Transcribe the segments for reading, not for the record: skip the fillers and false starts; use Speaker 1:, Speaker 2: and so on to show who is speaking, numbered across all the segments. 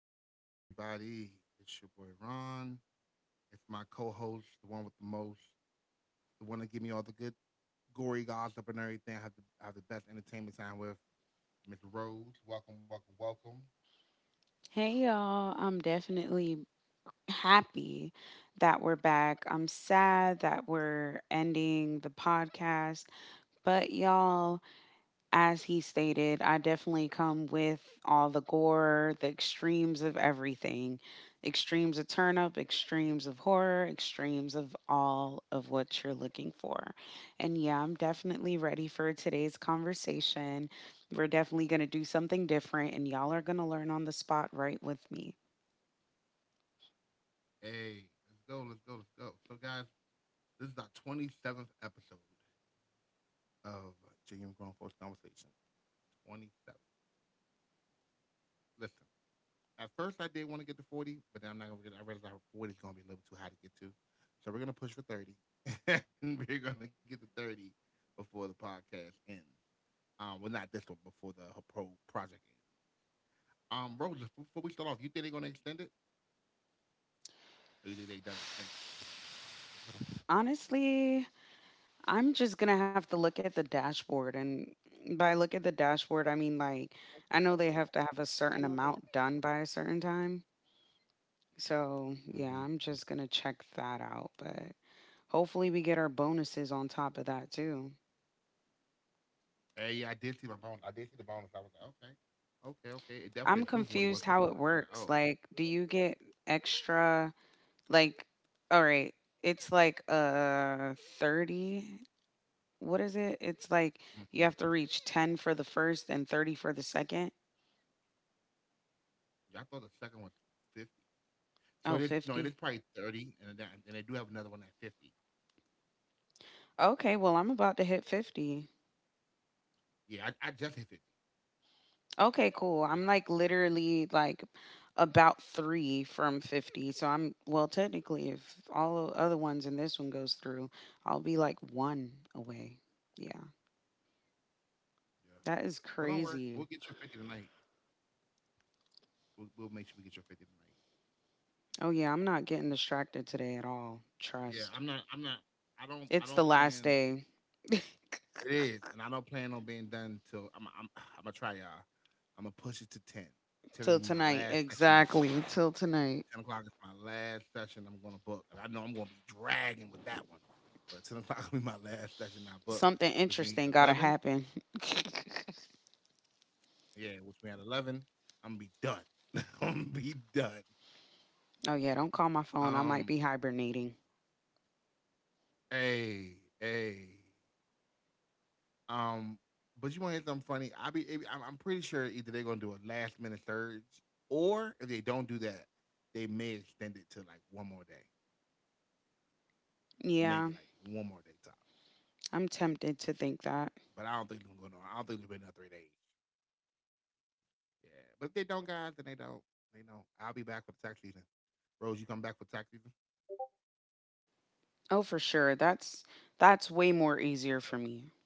Speaker 1: afternoon, everybody. It's your boy Ron. It's my co-host, the one with the most, the one that give me all the good gory gossip and everything. I have the best entertainment time with Miss Rhodes. Welcome, welcome, welcome.
Speaker 2: Hey y'all, I'm definitely happy that we're back. I'm sad that we're ending the podcast, but y'all, as he stated, I definitely come with all the gore, the extremes of everything, extremes of turn up, extremes of horror, extremes of all of what you're looking for. And yeah, I'm definitely ready for today's conversation. We're definitely going to do something different, and y'all are going to learn on the spot right with me.
Speaker 1: Hey, let's go, let's go, let's go. So, guys, this is our 27th episode of Genuine Grown Folks Conversation. 27. Listen, at first, I did want to get to 40, but then I'm not going to get it. I realized 40 is going to be a little too high to get to. So we're going to push for 30. And we're going to get to 30 before the podcast ends. Well, not this one, before the project ends. Rose, before we start off, you think they're going to extend it? Or you think they done extending
Speaker 2: Honestly, I'm just gonna have to look at the dashboard, and by look at the dashboard, I mean like I know they have to have a certain amount done by a certain time. So
Speaker 1: it?
Speaker 2: yeah,
Speaker 1: Mm-hmm.
Speaker 2: I'm just gonna check that out, but hopefully we get our bonuses on top of that too.
Speaker 1: Hey, yeah, I did see my bonus. I did see the bonus. I was like, okay, okay, okay. It definitely improved from what it
Speaker 2: I'm
Speaker 1: was before.
Speaker 2: confused
Speaker 1: So I was
Speaker 2: how
Speaker 1: like,
Speaker 2: it
Speaker 1: oh,
Speaker 2: works. Like, do you get extra, like, all right, it's like 30. What is it? It's like
Speaker 1: mm-hmm.
Speaker 2: you have to reach 10 for the first and 30 for the second.
Speaker 1: I thought the second one's 50. So
Speaker 2: Oh,
Speaker 1: it is, no, it is
Speaker 2: 50.
Speaker 1: probably 30. And they do have another one at 50.
Speaker 2: Okay, well, I'm about to hit 50.
Speaker 1: Yeah, I just hit 50.
Speaker 2: Okay, cool.
Speaker 1: I
Speaker 2: I'm
Speaker 1: just,
Speaker 2: like literally like about 3 from 50. So I'm, well, technically if all the other ones and this one goes through, I'll be like 1 away. Yeah.
Speaker 1: Yeah.
Speaker 2: That is
Speaker 1: Well, don't worry.
Speaker 2: crazy.
Speaker 1: We'll get your 50 tonight. We'll make sure we get your 50 tonight.
Speaker 2: Oh yeah, I'm not getting distracted today at all.
Speaker 1: Yeah,
Speaker 2: Trust.
Speaker 1: I'm not. I'm not. I don't. I
Speaker 2: It's the
Speaker 1: don't
Speaker 2: last
Speaker 1: plan.
Speaker 2: day
Speaker 1: It is, and I don't plan on being done till I'm. I'm. I'm gonna try y'all. I'm gonna push it to 10. 10 is
Speaker 2: till
Speaker 1: my
Speaker 2: tonight.
Speaker 1: last session I book.
Speaker 2: Exactly, till tonight.
Speaker 1: 10 o'clock is my last session I'm gonna book, and I know I'm gonna be dragging with that one. But 10 o'clock will be my last session I book,
Speaker 2: Something
Speaker 1: which means at
Speaker 2: interesting gotta
Speaker 1: 11.
Speaker 2: happen.
Speaker 1: Yeah, which means at 11, I'm gonna be done. I'm gonna be done.
Speaker 2: Oh yeah, don't call my phone. I
Speaker 1: Um,
Speaker 2: might be hibernating.
Speaker 1: Hey, hey. Um, but you want to hear something funny? I be, it- I'm pretty sure either they're gonna do a last minute surge, or if they don't do that, they may extend it to like one more day, maybe like
Speaker 2: Yeah,
Speaker 1: one more day top.
Speaker 2: I'm
Speaker 1: But I don't
Speaker 2: tempted
Speaker 1: think
Speaker 2: to
Speaker 1: they're
Speaker 2: think
Speaker 1: gonna. I
Speaker 2: that.
Speaker 1: don't think they'll be another 3 days. Yeah, but if they don't, guys, then they don't. They don't. I'll be back for the tax season. Rose, you come back for tax season?
Speaker 2: Oh, for sure. That's way
Speaker 1: 'Cause I
Speaker 2: more easier for me.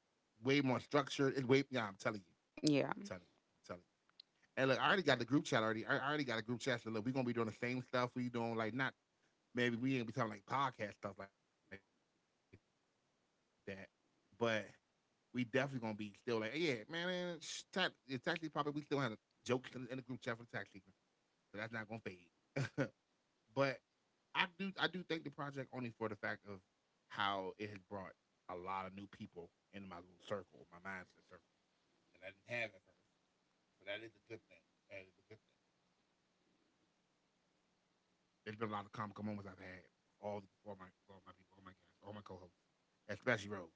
Speaker 1: definitely can. Way more structured. It's way. Yeah, I'm telling you. I'm
Speaker 2: Yeah,
Speaker 1: telling you. I'm telling you. And look, I already got the group chat already. I already got a group chat. So look, we're gonna be doing the same stuff we doing, like not maybe we ain't be talking like podcast stuff like that, but we definitely gonna be still like, yeah, man, tax, it's tax season popping. We still have jokes in the group chat for the tax season, so that's not gonna fade. But I do thank the project only for the fact of how it has brought a lot of new people into my little circle, my mindset circle that I didn't have at first. So that is a good thing. That is a good thing. There's been a lot of comical moments I've had with all the, with all my people, all my guests, all my co-hosts, especially Rose,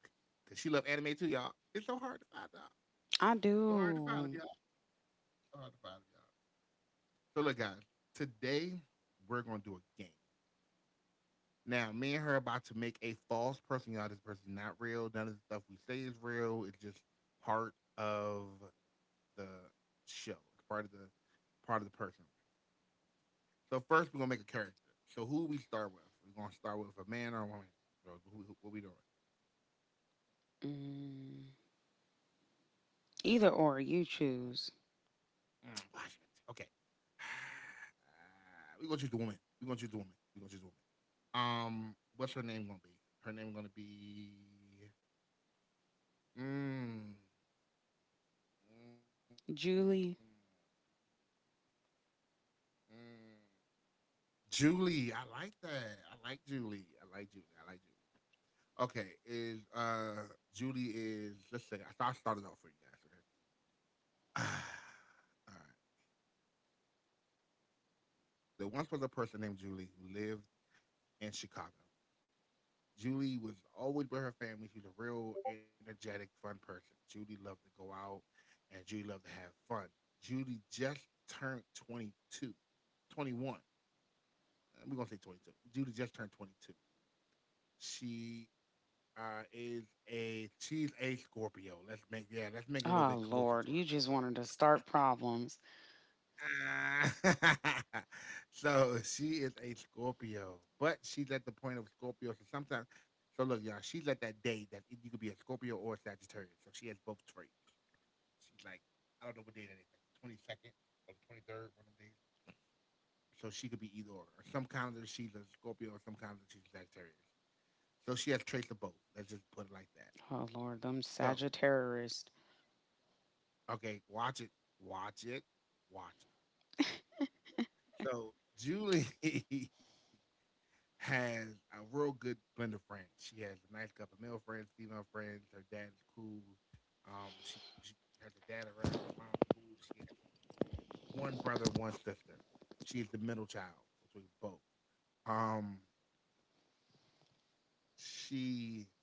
Speaker 1: because she loved anime too, y'all. It's so hard to find out.
Speaker 2: I
Speaker 1: So hard to find them, y'all.
Speaker 2: do.
Speaker 1: So hard to find them, y'all. So look, guys, today we're gonna do a game. Now, me and her are about to make a false person, y'all. This person's not real. None of the stuff we say is real. It's just part of the show. It's part of the person. So first, we're gonna make a character. So who we start with? We're gonna start with a man or a woman. Bro, who, what are we doing?
Speaker 2: Mm, either or, you choose.
Speaker 1: Mm, Okay. We're gonna choose the woman. We're gonna choose the woman. We're gonna choose the woman. What's her name gonna be? Her name gonna be. Mm, mm,
Speaker 2: Julie.
Speaker 1: mm. Julie. I like that. I like Julie. I like Julie. I like Julie. Okay, is Julie is let's say I thought I started off for you guys, okay? All right. There once was a person named Julie who lived in Chicago. Julie was always with her family. She was a real energetic, fun person. Julie loved to go out and Julie loved to have fun. Julie just turned 2221. We're going to say 22. Julie just turned 22. She uh, is she's a Scorpio. Yeah, let's make it a little bit
Speaker 2: Oh
Speaker 1: closer to
Speaker 2: Lord,
Speaker 1: our
Speaker 2: you just
Speaker 1: co-host.
Speaker 2: wanted to start problems.
Speaker 1: Ah. So she is a Scorpio, but she's at the point of Scorpio. So sometimes, so look, y'all, she's at that day that you could be a Scorpio or a Sagittarius. So she has both traits. She's like, I don't know what day that is, like the 22nd or the 23rd, one of them days. So she could be either or. Or some calendar she's a Scorpio, or some calendar she's a Sagittarius. So she has traits of both. Let's just put it like that.
Speaker 2: Oh Lord, them
Speaker 1: So,
Speaker 2: Sagittarius.
Speaker 1: okay, watch it, watch it, watch it. So Julie has a real good blend of friends. She has a nice couple of male friends, female friends. Her dad is cool. She has a dad around. Her mom's cool. She has one brother, one sister. She is the middle child between both. Um, she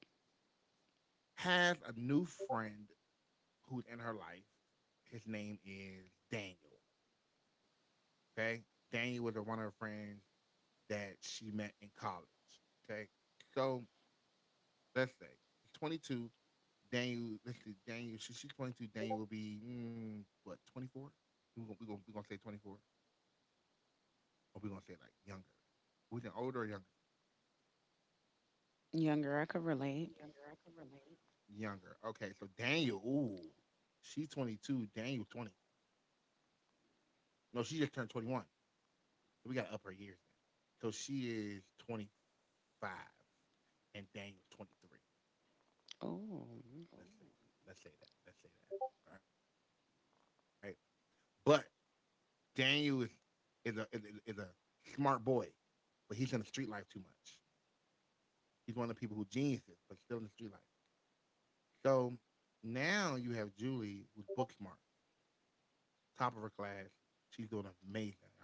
Speaker 1: has a new friend who's in her life. His name is Daniel. Okay, Daniel was one of her friends that she met in college. Okay, so let's say 22. Daniel, let's see, Daniel, she's 22. Daniel will be, what, 24? We gonna to say 24? Or we're going to say like younger? We think older or younger?
Speaker 2: Younger, I could relate.
Speaker 1: Younger. Okay, so Daniel, ooh, she's 22. Daniel, 20. No, she just turned 21. So we got to up her years then. So she is 25 and Daniel's 23.
Speaker 2: Oh.
Speaker 1: Let's, oh. say, let's say that. Let's say that. All right. But Daniel is, is, a, is, is a smart boy, but he's in the street life too much. She's one of the people who geniuses, but still in the street life. So now you have Julie, who's book smart, top of her class. She's doing amazing. All right.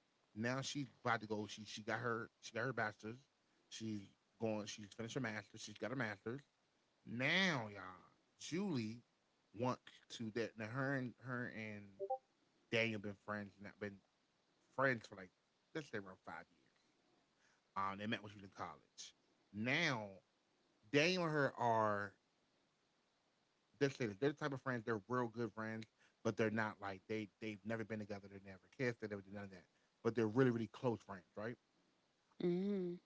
Speaker 1: Now she's about to go. She got her bachelor's. She's going. She's finished her master's. She's got her master's. Now, y'all, Julie wants to that. Now her and Daniel been friends. Not been friends for like let's say around 5 years. They met when she was in college. Now Daniel and her are. Let's say this: they're the type of friends. They're real good friends, but they're not like they've never been together. They never kissed. They never did none of that. But they're really really close friends, right?
Speaker 2: Mm.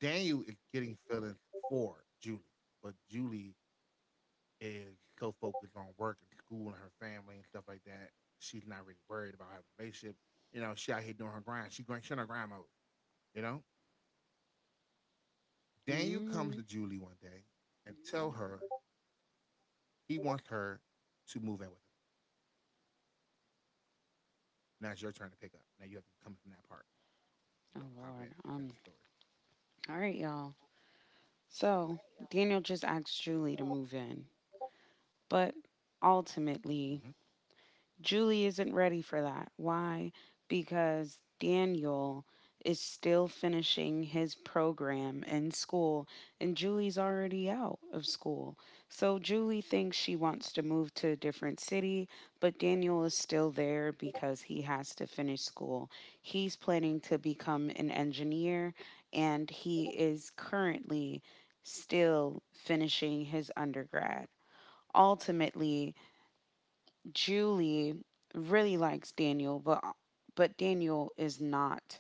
Speaker 1: Daniel is getting feelings for Julie, but Julie is so focused on work and school and her family and stuff like that. She's not really worried about having a relationship. She out here doing her grind. She grind. She on her grind mode. You know, Daniel comes to
Speaker 2: Mm.
Speaker 1: Julie one day and tell her he wants her to move in with her. Now it's your turn to pick up. Now you have to come in from that part. And you gotta hop
Speaker 2: Oh
Speaker 1: in and
Speaker 2: Lord.
Speaker 1: finish the story.
Speaker 2: All right, y'all. So Daniel just asked Julie to move in, but
Speaker 1: Mm-hmm.
Speaker 2: ultimately Julie isn't ready for that. Why? Because Daniel is still finishing his program in school and Julie's already out of school. So Julie thinks she wants to move to a different city, but Daniel is still there because he has to finish school. He's planning to become an engineer and he is currently still finishing his undergrad. Ultimately, Julie really likes Daniel, but Daniel is not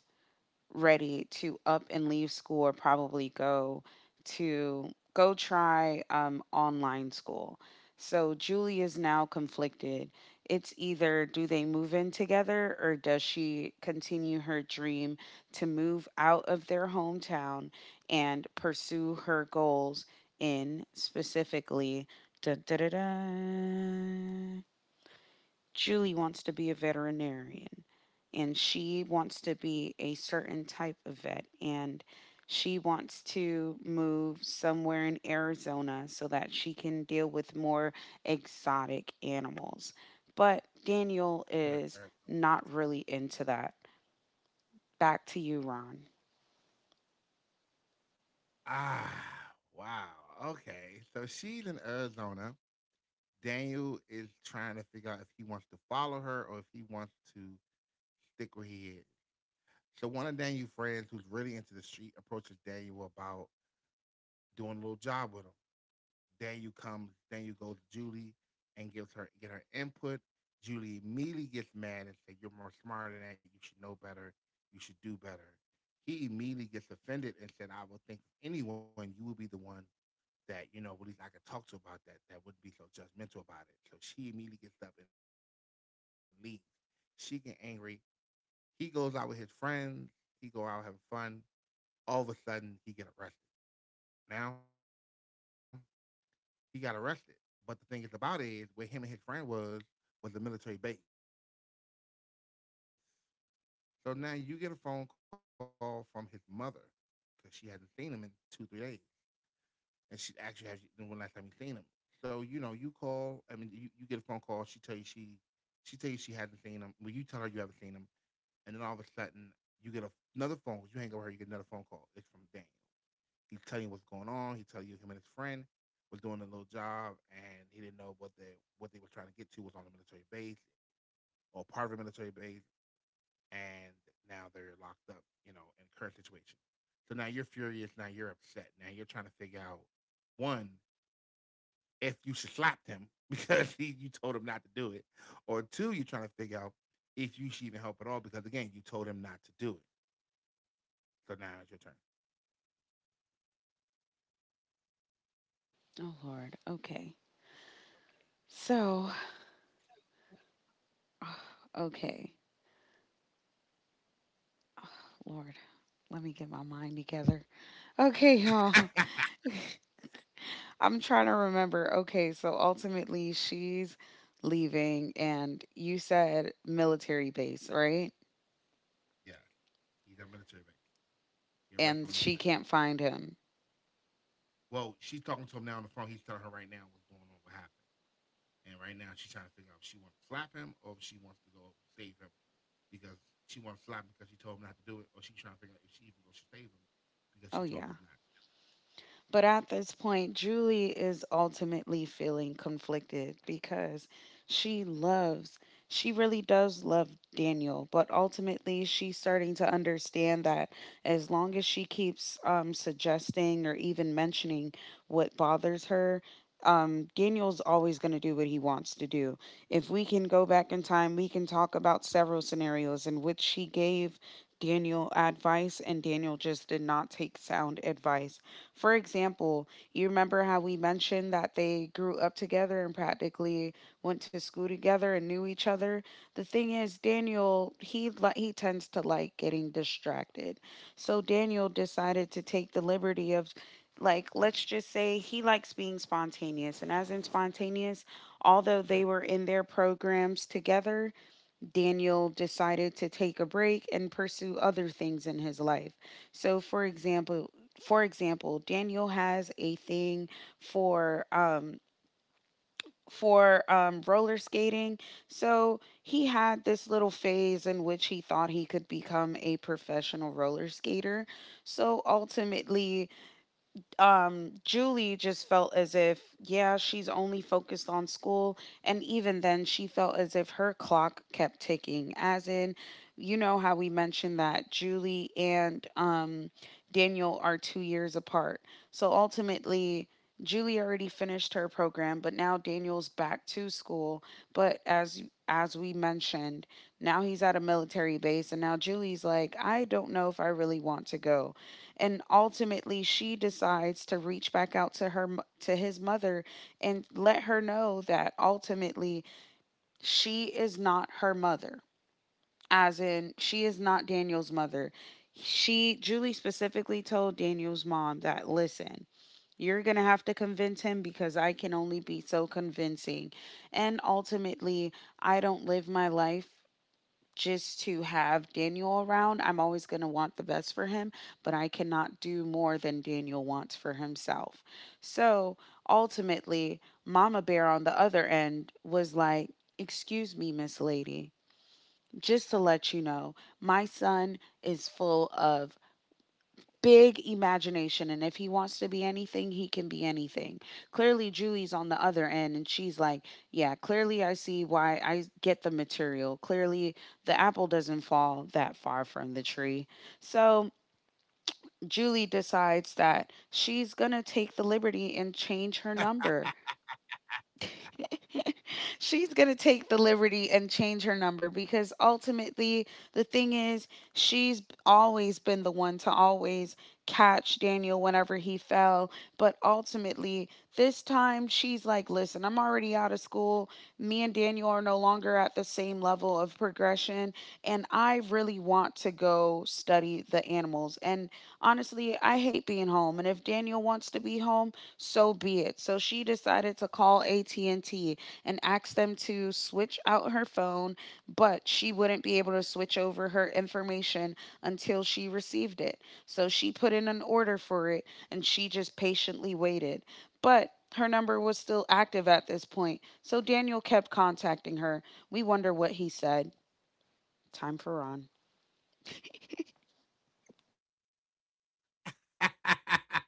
Speaker 2: ready to up and leave school, or probably go to go try online school. So Julie is now conflicted. It's either do they move in together or does she continue her dream to move out of their hometown and pursue her goals, in specifically, da da da da, Julie wants to be a veterinarian and she wants to be a certain type of vet, and she wants to move somewhere in Arizona so that she can deal with more exotic animals. But Daniel
Speaker 1: Put her in
Speaker 2: is
Speaker 1: Arizona.
Speaker 2: not really into that. Back to you, Ron.
Speaker 1: Ah, wow. Okay, so she's in Arizona. Daniel is trying to figure out if he wants to follow her or if he wants to stick where he is. So one of Daniel's friends, who's really into the street, approaches Daniel about doing a little job with him. Then you go to Julie and gives her get her input. Julie immediately gets mad and said, "You're more smarter than that. You should know better. You should do better." He immediately gets offended and said, "I would think anyone you would be the one that at least I could talk to about that. That wouldn't be so judgmental about it." So she immediately gets up and leaves. She get angry. He goes out with his friends. He go out having fun. All of a sudden, he get arrested. Now he got arrested. But the thing is about it is where him and his friend was a military base. So he's now arrested on military base, right? So now you get a phone call from his mother because she hasn't seen him in 2, 3 days, and she actually has when last time you seen him. So you know you call. I mean you get a phone call. She tell you she hasn't seen him. Well, you tell her you haven't seen him, and then all of a sudden you get another phone. You hang over her. You get another phone call. It's from Dan. He tell you what's going on. He tell you him and his friend was doing a little job, and he didn't know what they were trying to get to was on a military base or part of a military base, and now they're locked up, in a current situation. So now you're furious. Now you're upset. Now you're trying to figure out one, if you should slap him because you told him not to do it, or two, you're trying to figure out if you should even help at all because again, you told him not to do it. So now it's your turn.
Speaker 2: Oh, Lord. Okay. So, okay. Lord, let me get my mind together. Okay, y'all. I'm trying to remember. Okay, so ultimately she's leaving, and you said military base, right?
Speaker 1: Yeah, he's on military base. He
Speaker 2: And she
Speaker 1: arrested on
Speaker 2: can't
Speaker 1: military base.
Speaker 2: find him.
Speaker 1: Well, she's talking to him now on the phone. He's telling her right now what's going on, what happened. And right now she's trying to figure out if she wants to slap him or if she wants to go save him because she wants to slap him because she told him not to do it, or she's trying to figure out if she even goes to save him
Speaker 2: Oh,
Speaker 1: because
Speaker 2: yeah.
Speaker 1: she told him not to do
Speaker 2: But at this point, Julie is ultimately feeling conflicted because she loves, she really does love Daniel, but ultimately she's starting to understand that as long as she keeps suggesting or even mentioning what bothers her, Daniel's always going to do what he wants to do. If we can go back in time, we can talk about several scenarios in which she gave Daniel advice and Daniel just did not take sound advice. For example, you remember how we mentioned that they grew up together and practically went to school together and knew each other. The thing is, Daniel, he tends to like getting distracted. So Daniel decided to take the liberty of, like, let's just say he likes being spontaneous, and as in spontaneous, although they were in their programs together, Daniel decided to take a break and pursue other things in his life. So, for example, Daniel has a thing for um for roller skating. So, he had this little phase in which he thought he could become a professional roller skater. So, ultimately, Julie just felt as if, yeah, she's only focused on school. And even then, she felt as if her clock kept ticking. As in, you know how we mentioned that Julie and Daniel are 2 years apart. So ultimately, Julie already finished her program, but now Daniel's back to school. But as we mentioned, now he's at a military base, and now Julie's like, I don't know if I really want to go. And ultimately she decides to reach back out to her to his mother and let her know that ultimately she is not her mother, as in she is not Daniel's mother. She, Julie, specifically told Daniel's mom that, listen, you're going to have to convince him because I can only be so convincing, and ultimately I don't live my life just to have Daniel around. I'm always going to want the best for him, but I cannot do more than Daniel wants for himself. So ultimately, Mama Bear on the other end was like, excuse me, Miss Lady, just to let you know, my son is full of big imagination, and if he wants to be anything he can be anything. Clearly Julie's on the other end and she's like, yeah, clearly I see why I get the material. Clearly the apple doesn't fall that far from the tree. So Julie decides that she's going to take the liberty and change her number. She's going to take the liberty and change her number because ultimately the thing is she's always been the one to always catch Daniel whenever he fell. But ultimately, this time she's like, listen, I'm already out of school. Me and Daniel are no longer at the same level of progression and I really want to go study the animals. And honestly, I hate being home. And if Daniel wants to be home, so be it. So she decided to call AT&T and T and ask them to switch out her phone, but she wouldn't be able to switch over her information until she received it. So she put in an order for it and she just patiently waited. But her number was still active at this point. So Daniel kept contacting her. We wonder what he said. Time for Ron.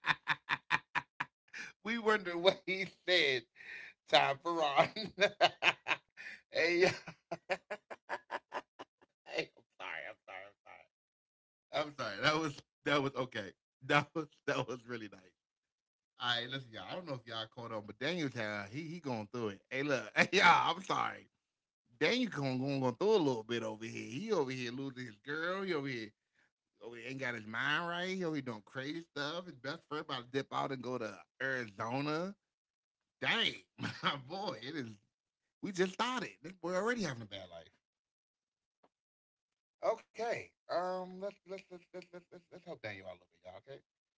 Speaker 1: it. We wonder what he said, Tom Ferron. Hey, hey, I'm sorry, I'm sorry, I'm sorry. I'm sorry. That was okay. That was really nice. All right, listen, y'all. I don't know if y'all caught on, but Daniel, he going through it. Hey, look, hey, y'all. I'm sorry, Daniel going through a little bit over here. He over here losing his girl. He over here ain't got his mind right. He over here doing crazy stuff. His best friend about to dip out and go to Arizona. Dang, my boy, it is. We just started. This boy already having a bad life. Okay, let's help Daniel out a little bit, y'all. Okay,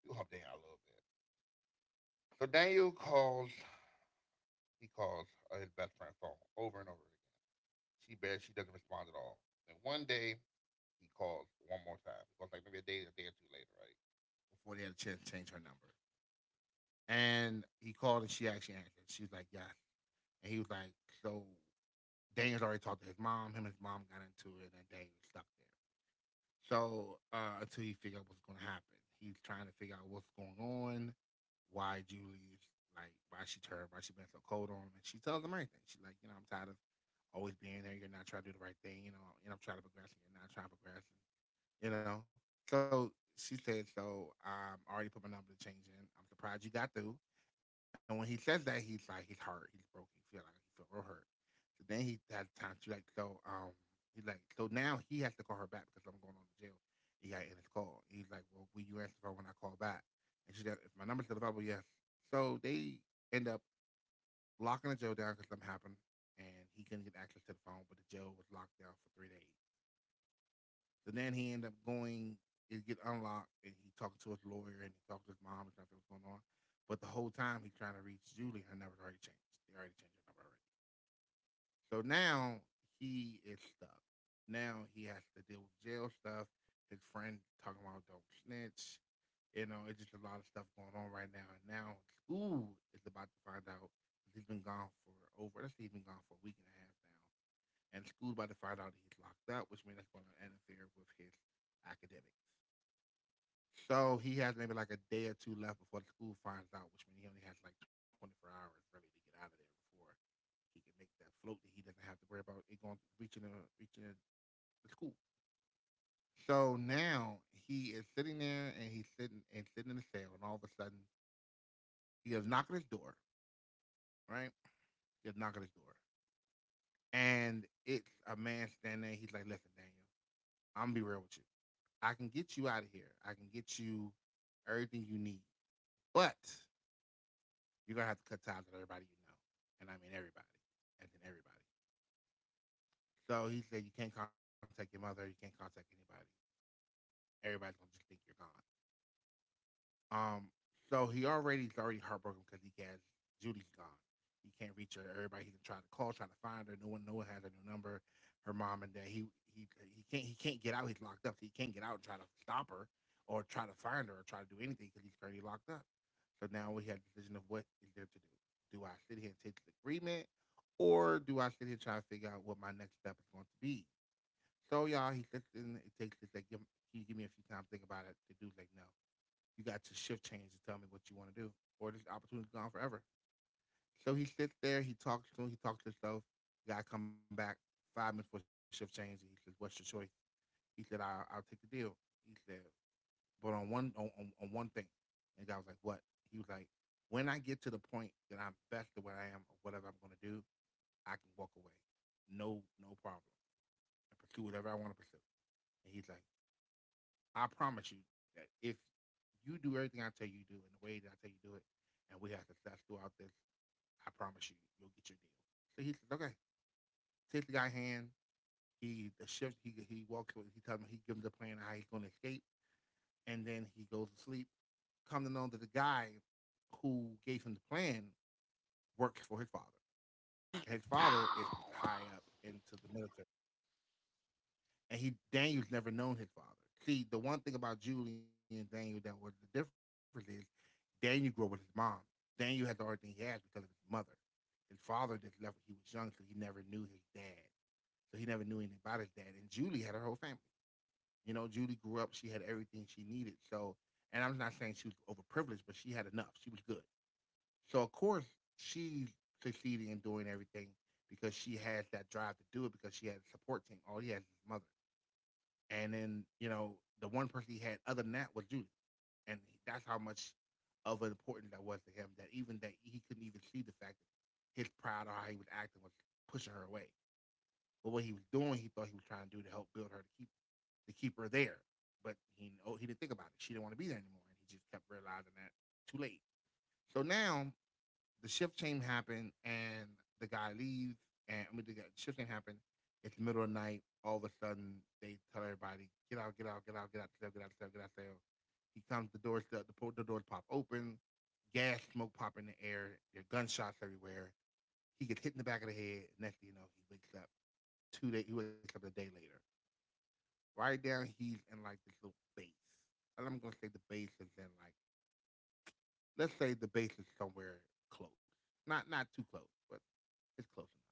Speaker 1: we help Daniel out a little bit. So Daniel calls. He calls his best friend's phone over and over again. She bears, she doesn't respond at all. Then one day, he calls one more time. He calls like maybe a day or two later, right? Before they had a chance to change her number. And he called and she actually answered. She was like, "Yeah." And he was like, so Daniel's already talked to his mom. Him and his mom got into it, and Daniel was stuck there. So until he figured out what's going to happen, he's trying to figure out what's going on, why Julie's, like, why she turned, why she been so cold on him. And she tells him everything. She's like, you know, I'm tired of always being there. You're not trying to do the right thing, you know, and I'm trying to progress and you're not trying to progress, and, you know. So she said, I already put my number to change in. I'm surprised you got through. And when he says that, he's like, he's hurt. He's broken. He feel like he feel real hurt. So then he had time to like, he's like, so now he has to call her back because I'm going on to jail. He got in his call. He's like, well, will you answer for when I call back? And she said, if my number's still available, yes. So they end up locking the jail down because something happened and he couldn't get access to the phone, but the jail was locked down for 3 days. So then he ended up going, it get unlocked, and he talked to his lawyer and he talked to his mom and trying to figure what's going on. But the whole time he's trying to reach Julie, her number's already changed. They already changed her number already. So now he is stuck. Now he has to deal with jail stuff. His friend talking about don't snitch. You know, it's just a lot of stuff going on right now. And now school is about to find out because 'cause he's been gone for over, let's say he's been gone for a week and a half now. And school's about to find out that he's locked up, which means it's going to interfere with his academics. So he has maybe like a day or two left before the school finds out, which means he only has like 24 hours really to get out of there before he can make that float that he doesn't have to worry about it going reaching a reaching a, the school. So now he is sitting there and he's sitting and sitting in the cell, and all of a sudden you have knock at his door, right? You have knock at his door. And it's a man standing there. He's like, listen, Daniel, I'm gonna be real with you. I can get you out of here. I can get you everything you need. But you're gonna have to cut ties with everybody you know. And I mean everybody. And then everybody. So he said you can't contact your mother, you can't contact anybody. Everybody's gonna just think you're gone. Um, so he already's already heartbroken because he has Judy's gone. He can't reach her. Everybody he's trying to call, trying to find her. No one has her new number. Her mom and dad. He he can't get out. He's locked up. So he can't get out and try to stop her or try to find her or try to do anything because he's currently locked up. So now we have the decision of what is there to do. Do I sit here and take the agreement, or do I sit here and try to figure out what my next step is going to be? So y'all, he sits in. It takes. It's like, Can you give me a few times to think about it?" The dude's like, no. You got your shift change to tell me what you want to do, or this opportunity is gone forever. So he sits there, he talks to him, he talks to himself. You got to come back 5 minutes for shift change. And he says, "What's your choice?" He said, "I'll take the deal." He said, "But on one thing," and the guy was like, "What?" He was like, "When I get to the point that I'm best at what I am or whatever I'm going to do, I can walk away, no problem, and pursue whatever I want to pursue." And he's like, I promise you that if you do everything I tell you do in the way that I tell you do it, and we have success throughout this, I promise you, you'll get your deal. So he says, okay, take the guy hand. He the shift. He walks. He tells him. He gives him the plan how he's going to escape, and then he goes to sleep. Come to know that the guy who gave him the plan works for his father. And his father is high up into the military. And he Daniel's never known his father. See, the one thing about Julie and Daniel that was the difference is Daniel grew up with his mom. Daniel has everything he has because of his mother. His father just left when he was young, so he never knew his dad. So he never knew anything about his dad. And Julie had her whole family. You know, Julie grew up, she had everything she needed. So, and I'm not saying she was overprivileged, but she had enough. She was good. So, of course, she's succeeding in doing everything because she has that drive to do it because she has a support team. All he has is his mother, and then you know the one person he had other than that was Judy, and that's how much of an important that was to him. That even that he couldn't even see the fact that his pride or how he was acting was pushing her away. But what he was doing, he thought he was trying to do to help build her to keep her there. But he, oh, he didn't think about it. She didn't want to be there anymore, and he just kept realizing that too late. So now the shift change happened and the guy leaves, and I mean the shift change happened. It's the middle of the night. All of a sudden, they tell everybody, "Get out! Get out! Get out! Get out! Sale! Get out! Sale! Get out! Sale!" He comes. The doors pop open. Gas, smoke pop in the air. There are gunshots everywhere. He gets hit in the back of the head. Next thing you know, he wakes up 2 days. He wakes up a day later. Right down, he's in like this little base. And I'm gonna say the base is in like let's say the base is somewhere close, not too close, but it's close enough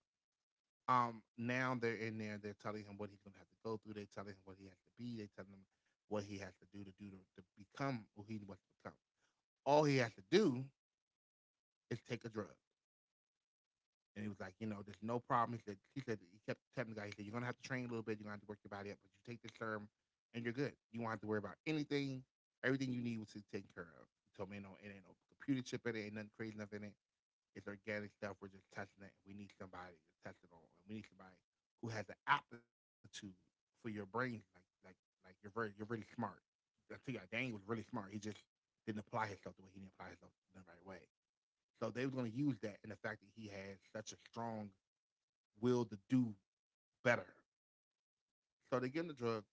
Speaker 1: Um, Now they're in there. They're telling him what he's gonna have to go through. They're telling him what he has to be. They're telling him what he has to do to become who he wants to become. All he has to do is take a drug. And he was like, you know, there's no problem. He kept telling the guy, he said, you're gonna have to train a little bit. You're gonna have to work your body up, but you take this serum, and you're good. You won't have to worry about anything. Everything you need was taken care of. He told me, no, it ain't no computer chip in it, ain't nothing crazy enough in it. It's organic stuff. We're just testing it. We need somebody to test it on, and we need somebody who has the aptitude for your brain. Like you're really smart. I tell you, Daniel was really smart. He just didn't apply himself the right way. So they were going to use that in the fact that he had such a strong will to do better. So they give him the drug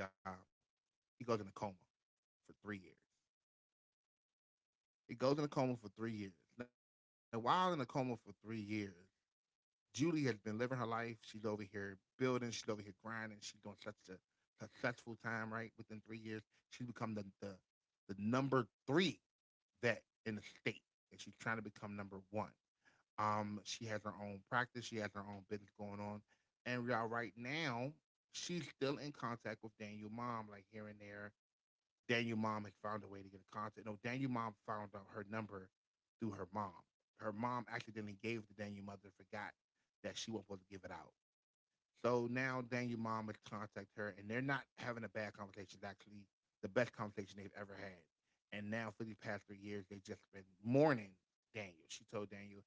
Speaker 1: job. He goes in a coma for 3 years. He goes in a coma for 3 years. Now, while in a coma for 3 years, Julie has been living her life. She's over here building. She's over here grinding. She's doing such a successful time. Right within 3 years, she's become the number three vet in the state, and she's trying to become number one. She has her own practice. She has her own business going on, and we are right now. She's still in contact with Daniel's mom, like here and there. Daniel mom had found a way to get in contact. No, Daniel mom found out her number through her mom. Her mom accidentally gave the Daniel mother, forgot that she wasn't supposed to give it out. So now Daniel mom would contact her, and they're not having a bad conversation. It's actually the best conversation they've ever had. And now for the past 3 years, they've just been mourning Daniel. She told Daniel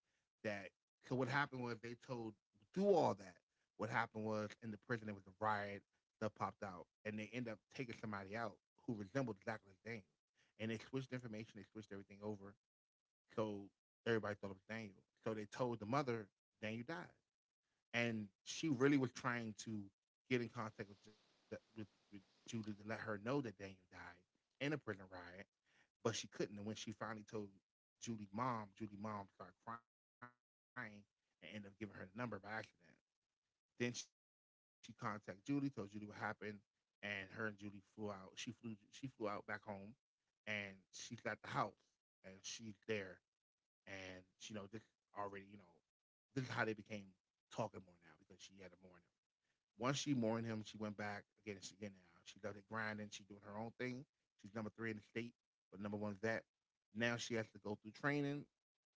Speaker 1: that. So what happened was they told do all that. What happened was in the prison there was a riot. Stuff popped out, and they end up taking somebody out who resembled exactly Daniel. And they switched information. They switched everything over. So everybody thought it was Daniel. So they told the mother Daniel died, and she really was trying to get in contact with Judy to let her know that Daniel died in a prison riot, but she couldn't. And when she finally told Judy's mom started crying and ended up giving her the number by accident. Then she contacted Judy, told Judy what happened, and her and Judy flew out. She flew out back home, and she got the house, and she's there, and you know this already, you know this is how they became talking more now because she had a morning. Once she mourned him, she went back again. She again now. She does it grinding. She's doing her own thing. She's number three in the state, but number one's that. Now she has to go through training,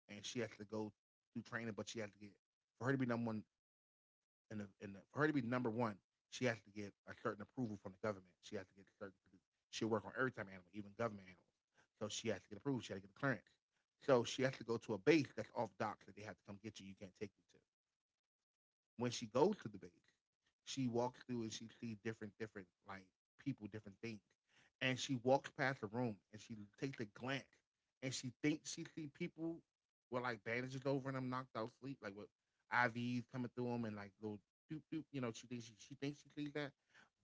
Speaker 1: and she has to go through training, but she has to get, for her to be number one in the for her to be number one, she has to get a certain approval from the government. She has to get a certain. She'll work on every type of animal, even government animals. So she has to get approved. She has to get a clearance. So she has to go to a base that's off docs that they have to come get you. You can't take you to when she goes to the base, she walks through and she sees different like people, different things. And she walks past the room and she takes a glance and she thinks she sees people with like bandages over and them knocked out sleep, like with IVs coming through them and like little doop doop. You know, she thinks she sees that,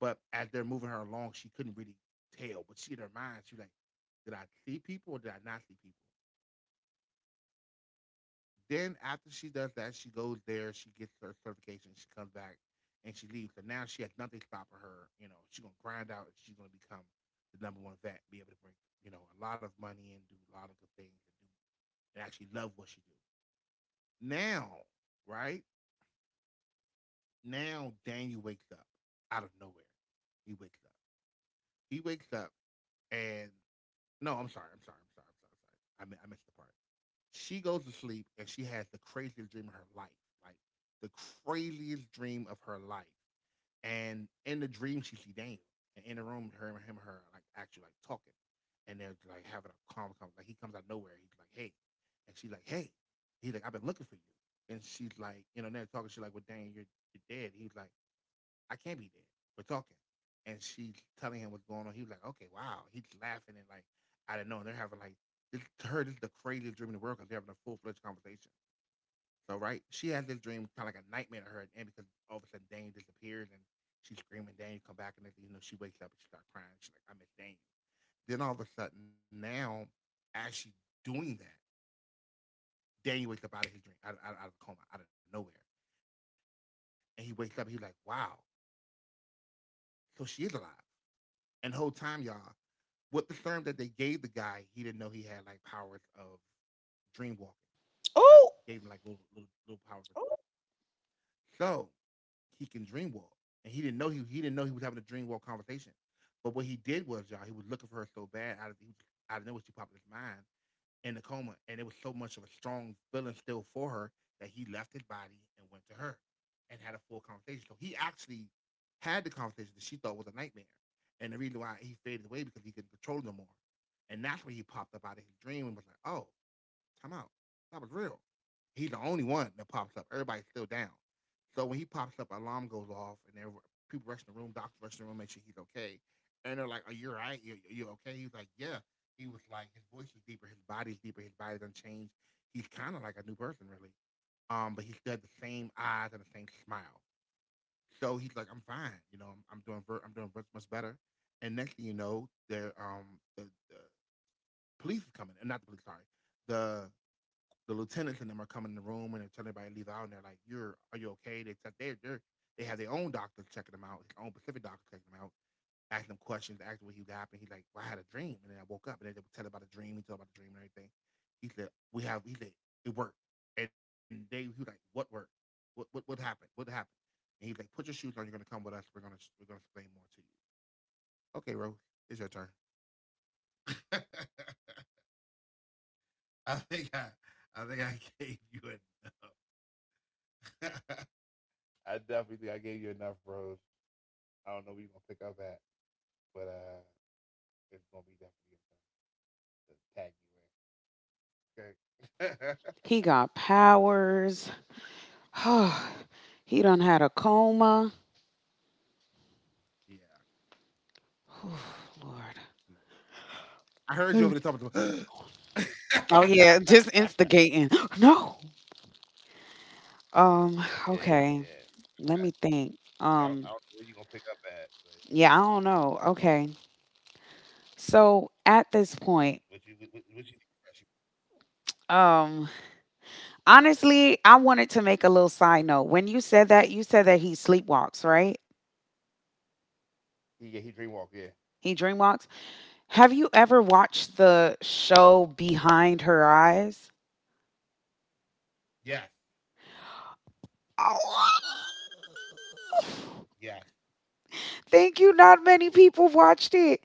Speaker 1: but as they're moving her along, she couldn't really tell. But she in her mind, she like, did I see people or did I not see people? Then after she does that, she goes there, she gets her certification, she comes back, and she leaves. So now she has nothing stopping her. You know, she's gonna grind out. She's gonna become the number one vet, be able to bring, you know, a lot of money and do a lot of good things and do and actually love what she do. Now, right now, Daniel wakes up out of nowhere. He wakes up. He wakes up and no, I'm sorry. I'm sorry. I'm sorry. I'm sorry. I'm sorry. I, mi- I missed the part. She goes to sleep and she has the craziest dream of her life, like the craziest dream of her life. And in the dream, she see Daniel, and in the room, her him, and her like actually like talking, and they're like having a calm conversation. Like he comes out of nowhere, he's like, "Hey," and she's like, "Hey." He's like, "I've been looking for you," and she's like, you know, they're talking, she's like, "Well, Daniel, you're dead." He's like, I can't be there. We're talking. And she's telling him what's going on. He was like, okay, wow. He's laughing and like, I don't know. They're having like, this, to her, this is the craziest dream in the world because they're having a full fledged conversation. So, right, she has this dream, kind of like a nightmare to her at the end because all of a sudden Daniel disappears and she's screaming, Daniel, come back. And then, you know, she wakes up and she starts crying. She's like, I miss Daniel. Then all of a sudden, now, as she's doing that, Daniel wakes up out of his dream, out a coma, out of nowhere. And he wakes up, he's like, wow. So she is alive. And the whole time, y'all, what the term that they gave the guy, he didn't know he had like powers of dream walking, kind of gave him like little powers.
Speaker 2: Oh,
Speaker 1: So he can dream walk, and he didn't know he was having a dream walk conversation. But what he did was, y'all, he was looking for her so bad out of he was, out of nowhere she popped in his mind, in the coma, and it was so much of a strong feeling still for her that he left his body and went to her and had a full conversation. So he actually had the conversation that she thought was a nightmare. And the reason why he faded away because he couldn't control it no more. And that's when he popped up out of his dream and was like, oh, time out. That was real. He's the only one that pops up. Everybody's still down. So when he pops up, alarm goes off, and there people rush in the room. Doctors rush in the room, make sure he's okay. And they're like, "Are you all right? You okay?" He was like, "Yeah." He was like, his voice is deeper, his body's deeper, his body doesn't change. He's kind of like a new person, really. But he still had the same eyes and the same smile. So he's like, "I'm fine. You know, I'm doing ver- much better." And next thing you know, there the police is coming, not the police, sorry, the the lieutenants and them are coming in the room and they're telling everybody to leave out and they're like, You're are you okay? They have their own doctor checking them out, his own Pacific doctor checking them out, asking them questions, asking what he happened. He's like, Well, I had a dream and then I woke up and they tell about the dream, he told about the dream and everything. He said, It worked. And they he was like, What worked? What happened? What happened? And he's like, "Put your shoes on, you're gonna come with us, we're gonna explain more to you." Okay, Rose, it's your turn. I think I, I think I gave a, I definitely think I gave you enough, Rose. I don't know where you're gonna pick up at, but it's gonna be definitely your turn to tag you in. Okay.
Speaker 2: he got powers. Oh, he done had a coma.
Speaker 1: Yeah, yeah, yeah. I heard you
Speaker 2: Lord.
Speaker 1: over the top of the.
Speaker 2: Oh yeah, just instigating. No. Um,
Speaker 1: Yeah,
Speaker 2: okay.
Speaker 1: yeah.
Speaker 2: Let me think.
Speaker 1: I don't know where you're gonna pick up at, but
Speaker 2: Yeah, I don't know. Okay. So at this point,
Speaker 1: what you need.
Speaker 2: um, honestly, I wanted to make a little side note. When you said that he sleepwalks, right?
Speaker 1: He, yeah, he dreamwalk. Yeah.
Speaker 2: He dreamwalks. Have you ever watched the show Behind Her Eyes?
Speaker 1: Yes. Yes.
Speaker 2: Thank you.
Speaker 1: Yes.
Speaker 2: Not many people watched it.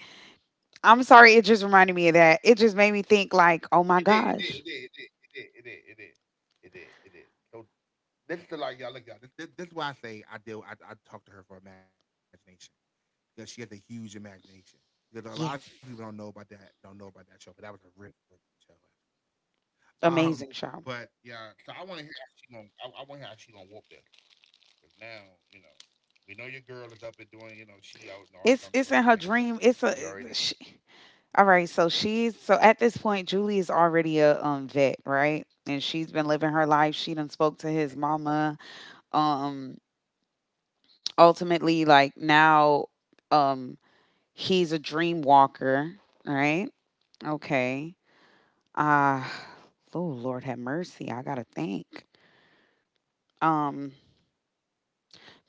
Speaker 2: I'm sorry. It just reminded me of that. It just made me think, like, oh my
Speaker 1: It did. It did.
Speaker 2: gosh,
Speaker 1: It did. It did. It did. It did. It did. It did. It did. So this is the, like, y'all look y'all. this is why I say I deal. I talk to her for imagination, because she has a huge imagination. Because a lot of people don't know
Speaker 2: yes,
Speaker 1: about that, don't know about that show, but that was a really really good show. Actually. Um,
Speaker 2: amazing
Speaker 1: but
Speaker 2: show.
Speaker 1: yeah, so I want to hear how she gonna, I want to hear how she gonna whoop this. Cause now, you know, we know your girl is up and doing, you know, she out in Arizona doing
Speaker 2: It's
Speaker 1: her thing.
Speaker 2: in her dream.
Speaker 1: She
Speaker 2: It's a
Speaker 1: already.
Speaker 2: she, all right. So at this point, Julie is already a vet, right? And she's been living her life. She done spoke to
Speaker 1: uh
Speaker 2: his mama. Um, ultimately, like now, um, he's a dream walker, right? Okay. Ah, oh Lord have mercy. I gotta think. Um,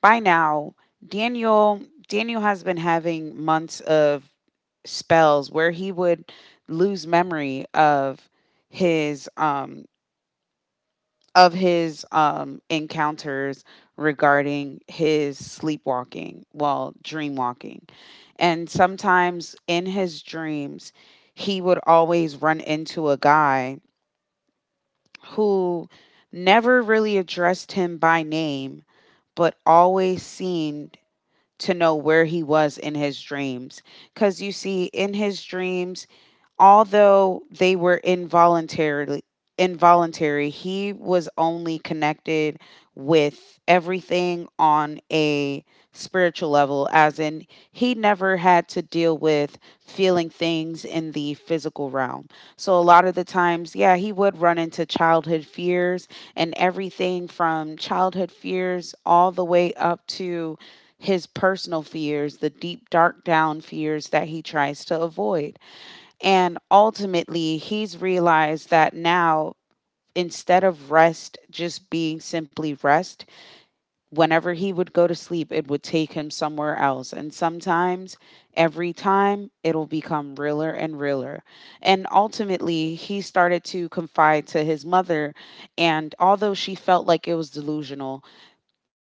Speaker 2: by now, Daniel Daniel has been having months of spells where he would lose memory of his um his encounters regarding his sleepwalking, well, dreamwalking. And sometimes in his dreams, he would always run into a guy who never really addressed him by name, but always seemed to know where he was in his dreams. Because you see, in his dreams, although they were involuntarily involuntary, he was only connected with everything on a spiritual level, as in he never had to deal with feeling things in the physical realm. So a lot of the times, yeah, he would run into childhood fears, and everything from childhood fears all the way up to his personal fears, the deep dark down fears that he tries to avoid. And ultimately, he's realized that now, instead of rest just being simply rest, whenever he would go to sleep, it would take him somewhere else. And sometimes, every time, it'll become realer and realer. And ultimately, he started to confide to his mother. And although she felt like it was delusional,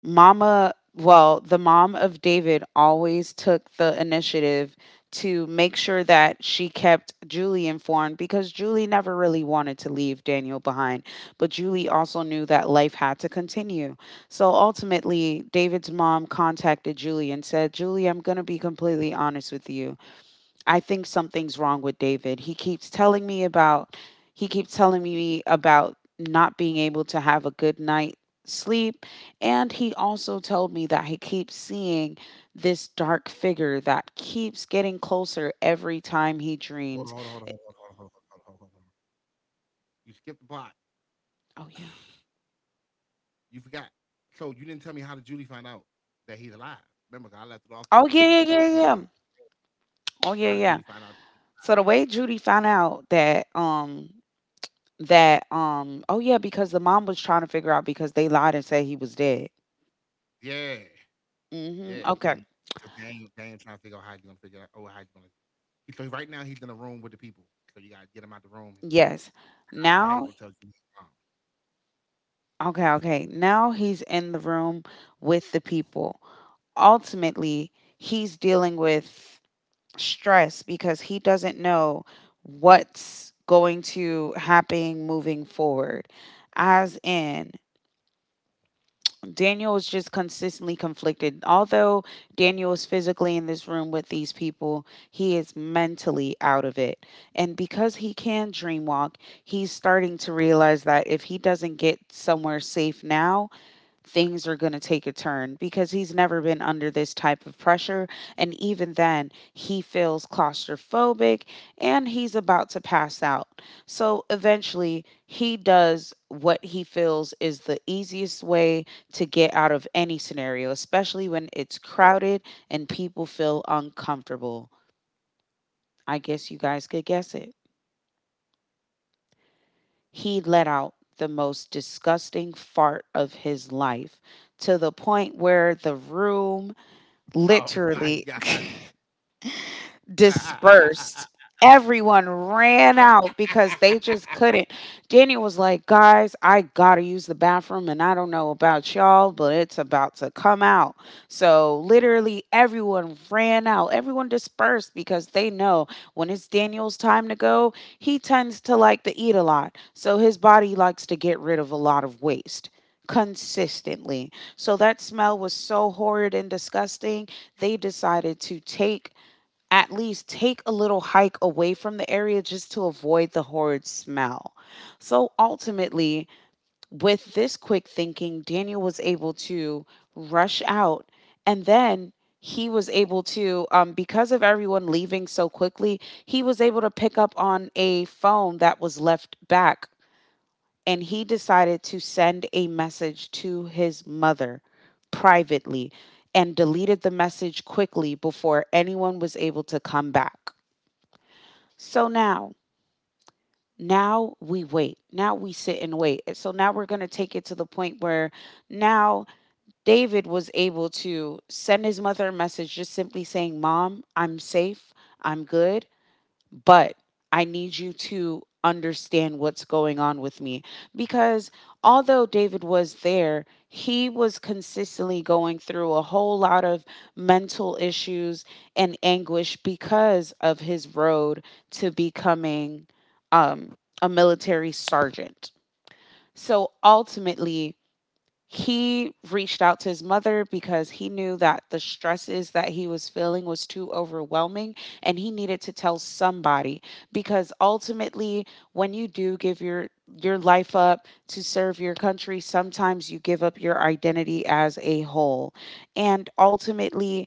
Speaker 2: The mom of David always took the initiative to make sure that she kept Julie informed because Julie never really wanted to leave Daniel behind. But Julie also knew that life had to continue. So ultimately, David's mom contacted Julie and said, Julie, I'm going to be completely honest with you. I think something's wrong with David. He keeps telling me about not being able to have a good night sleep, and he also told me that he keeps seeing this dark figure that keeps getting closer every time he
Speaker 1: Hold on, hold
Speaker 2: dreams.
Speaker 1: on, hold on, hold on, hold on, hold on, hold on, hold on. You skipped the plot.
Speaker 2: Oh yeah.
Speaker 1: You forgot. So you didn't tell me, how did Julie find out that he's alive? Remember, I left it off that
Speaker 2: Oh
Speaker 1: Julie.
Speaker 2: yeah, yeah, yeah,
Speaker 1: Julie.
Speaker 2: yeah. Oh
Speaker 1: How did
Speaker 2: yeah,
Speaker 1: Julie
Speaker 2: yeah.
Speaker 1: find out?
Speaker 2: So the way Judy found out that oh yeah, because the mom was trying to figure out, because they lied and said he was dead.
Speaker 1: Yeah.
Speaker 2: Mhm.
Speaker 1: Yeah,
Speaker 2: Okay.
Speaker 1: and so Daniel trying to figure out how he's gonna figure out. Oh, how he's gonna. He, so right now he's in a room with the people. So you gotta get him out the room. And
Speaker 2: Yes.
Speaker 1: how
Speaker 2: Now
Speaker 1: you gonna tell Jimmy his mom?
Speaker 2: Okay, okay. Now he's in the room with the people. Ultimately, he's dealing with stress because he doesn't know what's going to happen moving forward. As in, Daniel is just consistently conflicted. Although Daniel is physically in this room with these people, he is mentally out of it. And because he can dreamwalk, he's starting to realize that if he doesn't get somewhere safe now, things are going to take a turn because he's never been under this type of pressure. And even then, he feels claustrophobic and he's about to pass out. So eventually, he does what he feels is the easiest way to get out of any scenario, especially when it's crowded and people feel uncomfortable. I guess you guys could guess it. He let out the most disgusting fart of his life, to the point where the
Speaker 1: Oh my
Speaker 2: room,
Speaker 1: god.
Speaker 2: literally, dispersed. Everyone ran out because they just couldn't. Daniel was like, "Guys, I gotta use the bathroom, and I don't know about y'all, but it's about to come out." So, literally, everyone ran out. Everyone dispersed because they know when it's Daniel's time to go, he tends to like to eat a lot. So his body likes to get rid of a lot of waste consistently. So that smell was so horrid and disgusting, they decided to take, at least take a little hike away from the area just to avoid the horrid smell. So ultimately, with this quick thinking, Daniel was able to rush out, and then he was able to, because of everyone leaving so quickly, he was able to pick up on a phone that was left back, and he decided to send a message to his mother privately and deleted the message quickly before anyone was able to come back. So now, now we wait. Now we sit and wait. And so now we're going to take it to the point where now David was able to send his mother a message just simply saying, "Mom, I'm safe. I'm good, but I need you to understand what's going on with me." Because although David was there, he was consistently going through a whole lot of mental issues and anguish because of his road to becoming um, a military sergeant. So ultimately, he reached out to his mother because he knew that the stresses that he was feeling was too overwhelming, and he needed to tell somebody, because ultimately, when you do give your life up to serve your country, sometimes you give up your identity as a whole. And ultimately,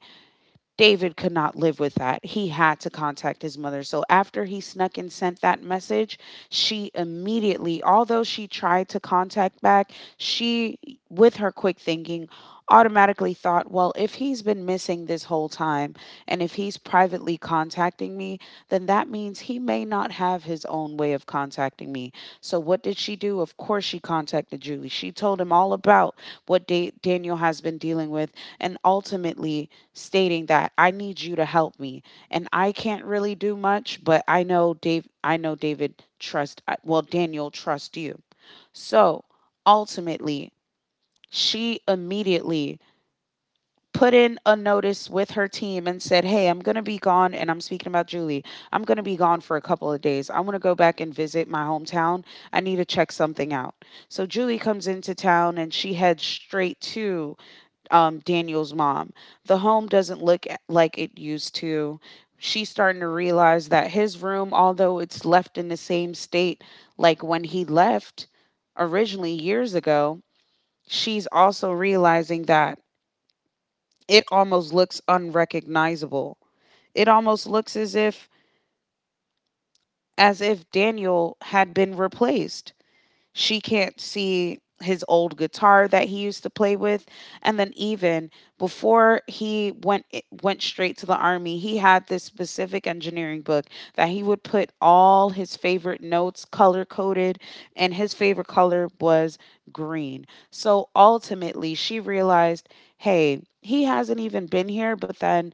Speaker 2: David could not live with that. He had to contact his mother. So after he snuck and sent that message, she immediately, although she tried to contact back, she, with her quick thinking, automatically thought, well, if he's been missing this whole time and if he's privately contacting me, then that means he may not have his own way of contacting me. So what did she do? Of course, she contacted Julie. She told him all about what Daniel has been dealing with, and ultimately stating that, "I need you to help me, and I can't really do much, but I know Dave, I know David trust, well, Daniel trust you." So, ultimately, she immediately put in a notice with her team and said, "Hey, I'm going to be gone, and I'm speaking about Julie. I'm going to be gone for a couple of days. I want to go back and visit my hometown. I need to check something out." So Julie comes into town and she heads straight to, Daniel's mom. The home doesn't look like it used to. She's starting to realize that his room, although it's left in the same state like when he left originally years ago, she's also realizing that it almost looks unrecognizable. It almost looks as if, Daniel had been replaced. She can't see his old guitar that he used to play with. And then even before he went straight to the army, he had this specific engineering book that he would put all his favorite notes color coded, and his favorite color was green. So ultimately she realized, hey, he hasn't even been here, but then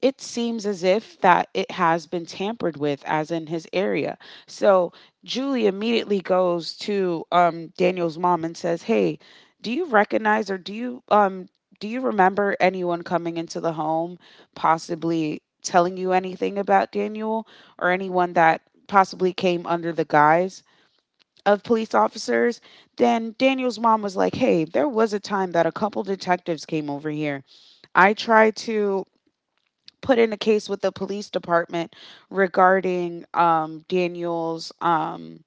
Speaker 2: it seems as if that it has been tampered with, as in his area. So Julie immediately goes to, Daniel's mom and says, "Hey, do you recognize or do you, do you remember anyone coming into the home, possibly telling you anything about Daniel, or anyone that possibly came under the guise of police officers?" Then Daniel's mom was like, "Hey, there was a time that a couple detectives came over here. I tried to put in a case with the police department regarding, Daniel's,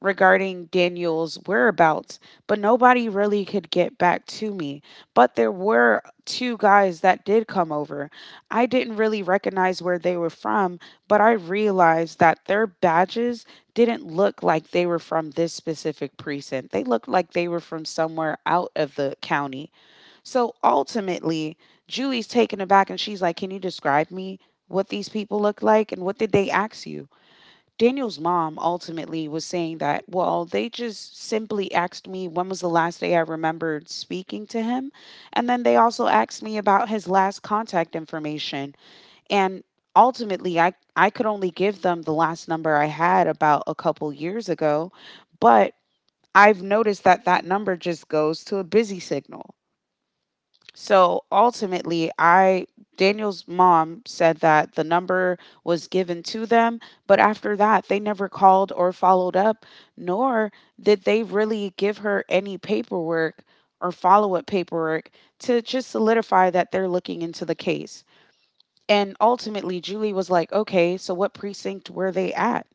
Speaker 2: regarding Daniel's whereabouts, but nobody really could get back to me. But there were two guys that did come over. I didn't really recognize where they were from, but I realized that their badges didn't look like they were from this specific precinct. They looked like they were from somewhere out of the county." So ultimately, Julie's taken aback and she's like, "Can you describe me what these people look like and what did they ask you?" Daniel's mom ultimately was saying that, "Well, they just simply asked me when was the last day I remembered speaking to him. And then they also asked me about his last contact information. And ultimately, I could only give them the last number I had about a couple years ago. But I've noticed that that number just goes to a busy signal. So ultimately, I—" Daniel's mom said that the number was given to them, but after that, they never called or followed up, nor did they really give her any paperwork or follow up paperwork to just solidify that they're looking into the case. And ultimately, Julie was like, "Okay, so what precinct were they at?"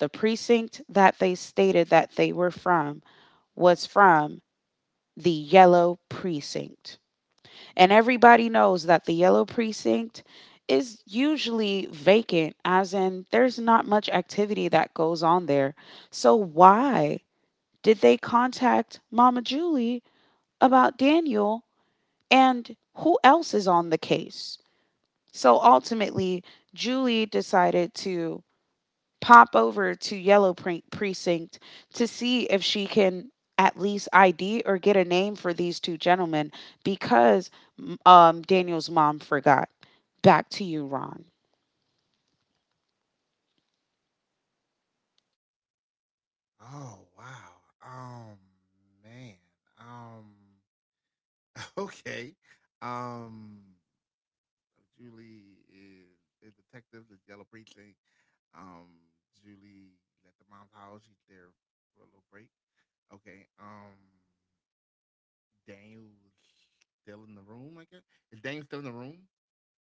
Speaker 2: The precinct that they stated that they were from was from the yellow precinct. And everybody knows that the yellow precinct is usually vacant, as in there's not much activity that goes on there. So why did they contact Mama Julie about Daniel, and who else is on the case? So, ultimately, Julie decided to pop over to Precinct to see if she can at least ID or get a name for these two gentlemen, because Daniel's mom forgot. Back to you, Ron.
Speaker 1: Oh wow. Um Man. Um. Okay. Um. Julie is a detective. The yellow precinct. Um. Julie left the mom's house. She's there for a little break. Okay. Daniel's still in the room. I guess, is Daniel still in the room?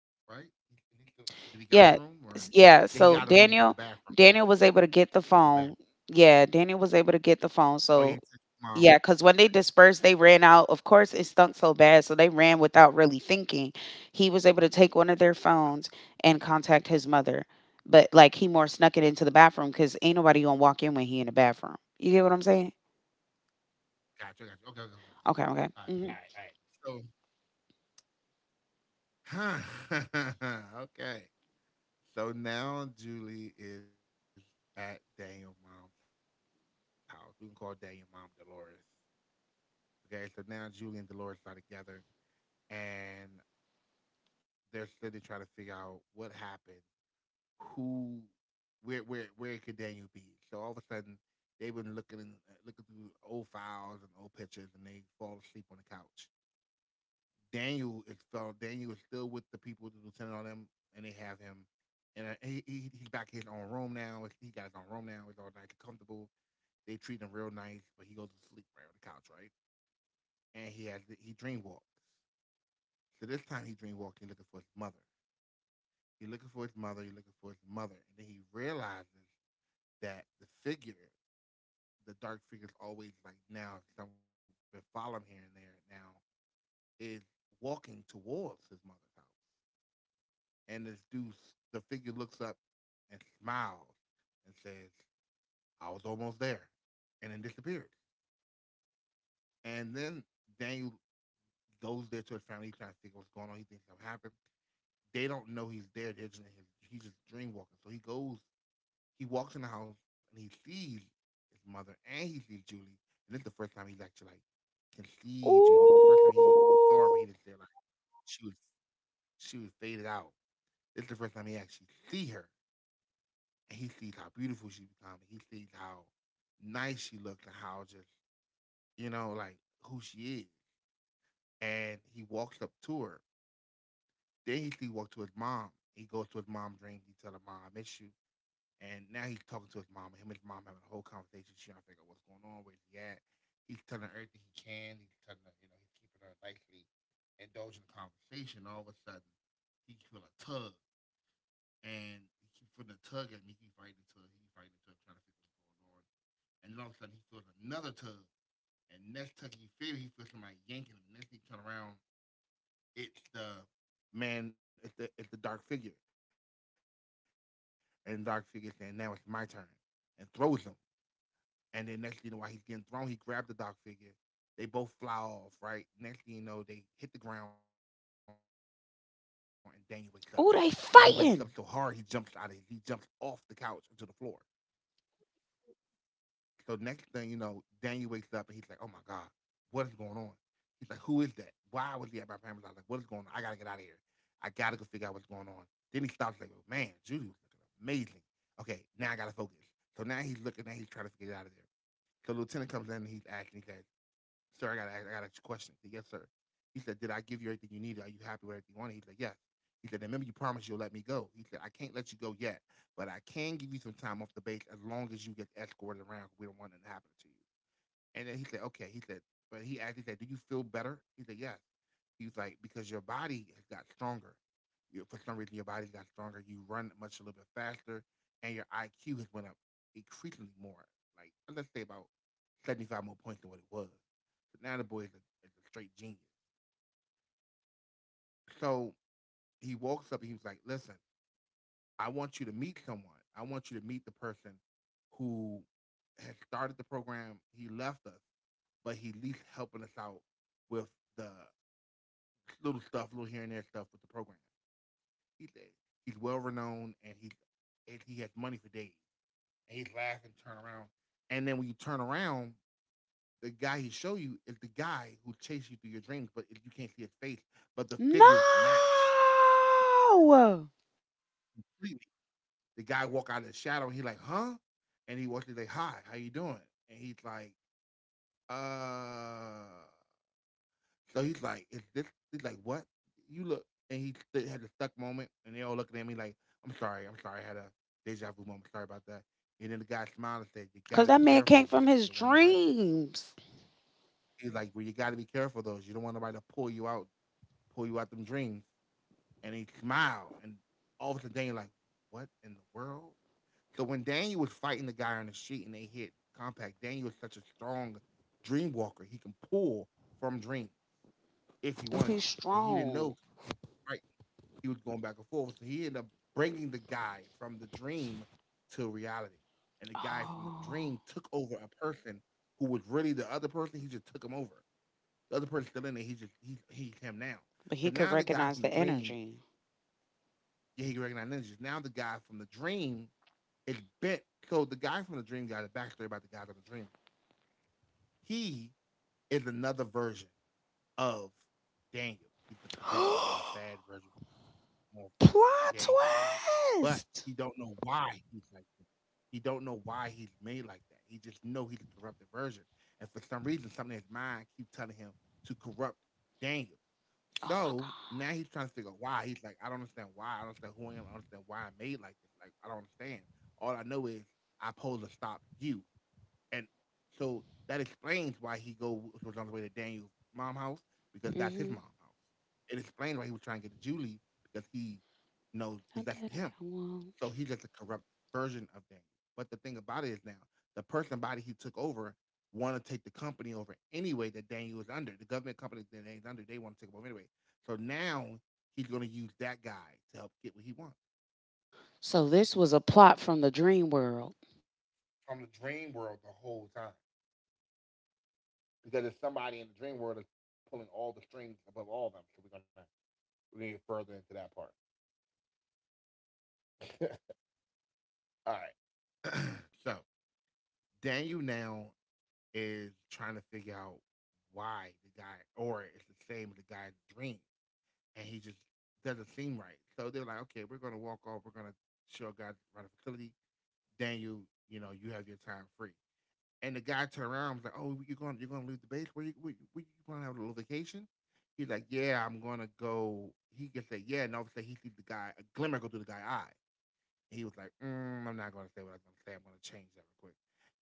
Speaker 1: Right? Did he got the
Speaker 2: Yeah,
Speaker 1: room or?
Speaker 2: s-
Speaker 1: Yeah, he
Speaker 2: yeah.
Speaker 1: got a room to the bathroom.
Speaker 2: Daniel was able to get
Speaker 1: Went
Speaker 2: the
Speaker 1: to the bathroom.
Speaker 2: phone. Yeah, Daniel was able to get the phone.
Speaker 1: Oh yeah, he said,
Speaker 2: So
Speaker 1: mom.
Speaker 2: yeah, because when they dispersed, they ran out. Of course, it stunk so bad, so they ran without really thinking. He was able to take one of their phones and contact his mother, but like, he more snuck it into the bathroom because ain't nobody gonna walk in when he in the bathroom. You get what I'm saying?
Speaker 1: Gotcha, gotcha. Okay, okay, okay, okay.
Speaker 2: Okay, okay.
Speaker 1: All
Speaker 2: Hmm.
Speaker 1: right, all right, all right. So, okay. So now Julie is at Daniel mom's house. We can call Daniel mom Dolores. Okay, so now Julie and Dolores are together, and they're sitting trying to figure out what happened, who, where where could Daniel be? So all of a sudden they've been looking in, looking through old files and old pictures, and they fall asleep on the couch. Daniel is fell. Daniel is still with the people, the lieutenant on them, and they have him. And he's back in his own room now. He got his own room now. It's all nice and comfortable. They treat him real nice, but he goes to sleep right on the couch, right? And he dream walks. So this time he dream walks. He's looking for his mother. He's looking for his mother. He's looking for his mother, and then he realizes that the figure, the dark figure, is always, like, now. 'Cause I've been following here and there now, is walking towards his mother's house, and this dude, the figure, looks up and smiles and says, "I was almost there," and then disappears. And then Daniel goes there to his family, he's trying to figure what's going on. He thinks something happened. They don't know he's there. They're just He's just dream walking. So he goes, he walks in the house and he sees his mother and he sees Julie. And this is the first time he's actually, like, can see Julie. 'Cause the first time he saw her, but
Speaker 2: Ooh,
Speaker 1: he didn't see her. Like, she was she was faded out. This is the first time he actually see her, and he sees how beautiful she become. And he sees how nice she looks and how just, you know, like, who she is. And he walks up to her. Then he see walk to his mom. He goes to his mom's dreams. He tell her, "Mom, I miss you." And now he's talking to his mom. Him and his mom having a whole conversation. She's trying to figure out what's going on, where he at. He's telling her everything he can. He's telling her, you know, he's keeping her nicely indulging the conversation. All of a sudden, he can feel a tug, and he keeps feeling a tug at me. He keeps fighting the tug. He keep fighting the tug, trying to figure what's going on. And then all of a sudden, he feels another tug. And next tug he feels somebody yanking him. Next thing he turn around, it's the man. It's the dark figure, and the dark figure saying, "Now it's my turn," and throws him. And then next thing you know, while he's getting thrown, he grabbed the dog figure. They both fly off, right? Next thing you know, they hit the ground and Daniel wakes up. But he wakes up so hard he jumps out of it. He jumps off the
Speaker 2: ooh,
Speaker 1: couch
Speaker 2: they
Speaker 1: onto the floor.
Speaker 2: fighting.
Speaker 1: So next thing you know, Daniel wakes up and he's like, "Oh my God, what is going on?" He's like, "Who is that? Why was he at my parents' house? Like, what is going on? I gotta get out of here. I gotta go figure out what's going on." Then he stops like, "Oh, man, Judy was looking amazing. Okay, now I gotta focus." So now he's looking, and he's trying to get out of there. So Lieutenant comes in and he's asking, he says, "Sir, I got a question." He said, "Yes, sir." He said, "Did I give you everything you needed? Are you happy with everything you wanted?" He said, "Yes." He said, "Remember you promised you'll let me go." He said, "I can't let you go yet, but I can give you some time off the base as long as you get escorted around. We don't want nothing happening to you." And then he said, okay. He said, but he asked, he said, "Do you feel better?" He said, "Yes." He was like, "Because your body has got stronger. You, for some reason, your body got stronger. You run much a little bit faster, and your IQ has went up increasingly more. Like, let's say about 75 more points than what it was." So now the boy is is a straight genius. So he walks up and he was like, "Listen, I want you to meet someone. I want you to meet the person who has started the program. He left us, but he at least helping us out with the little stuff, little here and there stuff with the program. He, he's well renowned and he has money for days." And he's laughing, turn around. And then when you turn around, the guy he show you is the guy who chased you through your dreams, but you can't see his face. But the
Speaker 2: No,
Speaker 1: figures match. The guy walk out of the shadow. He like, "Huh?" And he walks. He's like, "Hi, how you doing?" And he's like, uh. So he's like, "Is this?" He's like, "What?" You look, and he had a stuck moment, and they all looking at me like, "I'm sorry, I'm sorry. I had a deja vu moment. Sorry about that." And then the guy smiled and said, "You
Speaker 2: because
Speaker 1: got to
Speaker 2: that
Speaker 1: be
Speaker 2: man came
Speaker 1: careful of
Speaker 2: from
Speaker 1: those.
Speaker 2: his
Speaker 1: You don't want nobody."
Speaker 2: dreams.
Speaker 1: He's like, "Well, you got to be careful of those. You don't want nobody to pull you out them dreams." And he smiled, and all of a sudden, Daniel like, "What in the world?" So when Daniel was fighting the guy on the street and they hit compact, Daniel was such a strong dream walker. He can pull from dreams. If he wanted
Speaker 2: He's
Speaker 1: to, but he didn't
Speaker 2: strong.
Speaker 1: know. Right, he was going back and forth, so he ended up bringing the guy from the dream to reality, and the guy from the
Speaker 2: Oh,
Speaker 1: dream took over a person who was really the other person. He just took him over. The other person still in there. He just he He's him now.
Speaker 2: but
Speaker 1: So
Speaker 2: he could
Speaker 1: now the guy from
Speaker 2: recognize
Speaker 1: the
Speaker 2: the
Speaker 1: dream,
Speaker 2: energy.
Speaker 1: yeah, he recognized ninjas. Now the guy from the dream is bent. So the guy from the dream got a backstory about the guy from the dream. He is another version of Daniel. He's the corrupted, more bad version of Daniel.
Speaker 2: Plot
Speaker 1: But he don't
Speaker 2: twist.
Speaker 1: know why he's like that. He don't know why he's made like that. He just know he's a corrupted version. And for some reason, something in his mind keeps telling him to corrupt Daniel.
Speaker 2: Oh my
Speaker 1: So now he's trying to figure out why. He's like, "I don't understand why. I don't understand who I am. I don't understand why I'm made like this. Like, I don't understand. All I know is I pose to stop you." And so that explains why he go was on his way to Daniel's mom house,
Speaker 2: god.
Speaker 1: because that's his mom
Speaker 2: Mm-hmm.
Speaker 1: house. It explains why he was trying to get to Julie, because he knows, because
Speaker 2: Not
Speaker 1: that's
Speaker 2: that I
Speaker 1: him.
Speaker 2: don't
Speaker 1: So
Speaker 2: want.
Speaker 1: he's just a corrupt version of Daniel. But the thing about it is, now the person body he took over want to take the company over anyway that Daniel was under. The government company that Daniel's under, they want to take him over anyway. So now he's going to use that guy to help get what he wants.
Speaker 2: So this was a plot from the dream world.
Speaker 1: From the dream world the whole time, because there's somebody in the dream world that's pulling all the strings above all of them. So we're gonna get further into that part. All right. So Daniel now is trying to figure out why the guy, or it's the same as the guy's dream, and he just doesn't seem right. So they're like, "Okay, we're gonna walk off. We're gonna show a guy around the facility. Daniel, you know, you have your time free." And the guy turned around and was like, "Oh, you're going to leave the base? Where you, where you, where you planning to have a little vacation?" He's like, "Yeah, I'm going to go." He just said, "Yeah," and all of a sudden he sees the guy a glimmer go through the guy's eye. And he was like, "I'm not going to say what I was going to say. I'm going to change that real quick.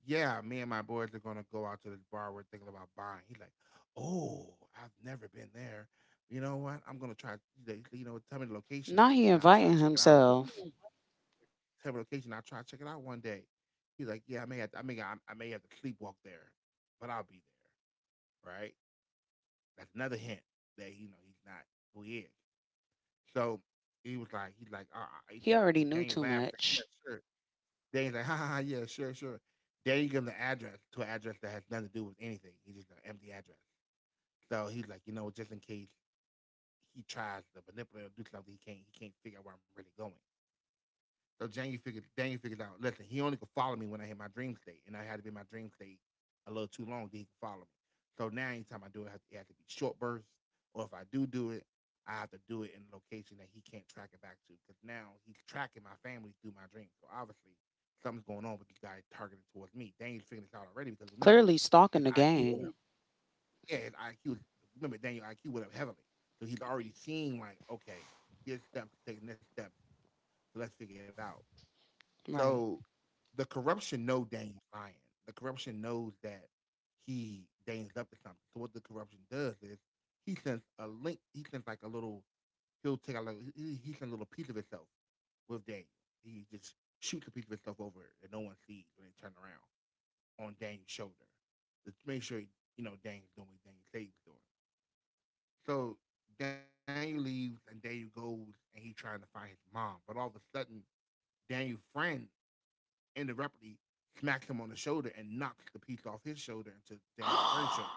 Speaker 1: Yeah, me and my boys are going to go out to this bar. We're thinking about buying." He's like, "Oh, I've never been there. You know what? I'm going to try. They, you know, tell me the location
Speaker 2: Now
Speaker 1: and
Speaker 2: he
Speaker 1: I'll try to check
Speaker 2: inviting
Speaker 1: it out.
Speaker 2: himself.
Speaker 1: Terrible location. I'll try to check it out one day." He's like, "Yeah, I may have to, I may have to sleepwalk there, but I'll be there, right?" That's another hint that you know he's not who he is. So he was like, he's like,
Speaker 2: He already
Speaker 1: and
Speaker 2: knew
Speaker 1: Daniel
Speaker 2: too
Speaker 1: laughed like,
Speaker 2: much.
Speaker 1: "Yeah, sure." Daniel's like, "Ha ha, ha yeah, sure, sure." Daniel gave him the address to an address that has nothing to do with anything. He's just an empty address. So he's like, you know, just in case he tries to manipulate or do something, he can't figure out where I'm really going. So Daniel figured out. Listen, he only could follow me when I hit my dream state, and I had to be in my dream state a little too long that he could follow me. So now anytime I do it, it has to be short bursts, or if I do do it, I have to do it in a location that he can't track it back to, because now he's tracking my family through my dreams. So obviously something's going on with this guy targeted towards me. Daniel's figured this out already because, remember,
Speaker 2: Clearly
Speaker 1: his
Speaker 2: stalking the
Speaker 1: IQ. Went
Speaker 2: gang.
Speaker 1: up. Yeah, his IQ. Remember, Daniel IQ went up heavily, so he's already seeing like, okay, this steps taking this step. So let's figure it out. So
Speaker 2: Right.
Speaker 1: the corruption know Dane's lying. The corruption knows that he Dane's up to something. So what the corruption does is he sends a link. He sends like a little. He'll take a little. He sends a little piece of himself with Daniel. He just shoots a piece of himself over it that no one sees. When they turn around, on Daniel's shoulder, to make sure, you know, Daniel's doing what Daniel said he doing. So Daniel leaves and Daniel goes and he's trying to find his mom. But all of a sudden, Daniel's friend, and abruptly, smacks him on the shoulder and knocks the piece off his shoulder into Daniel Fran's shoulder.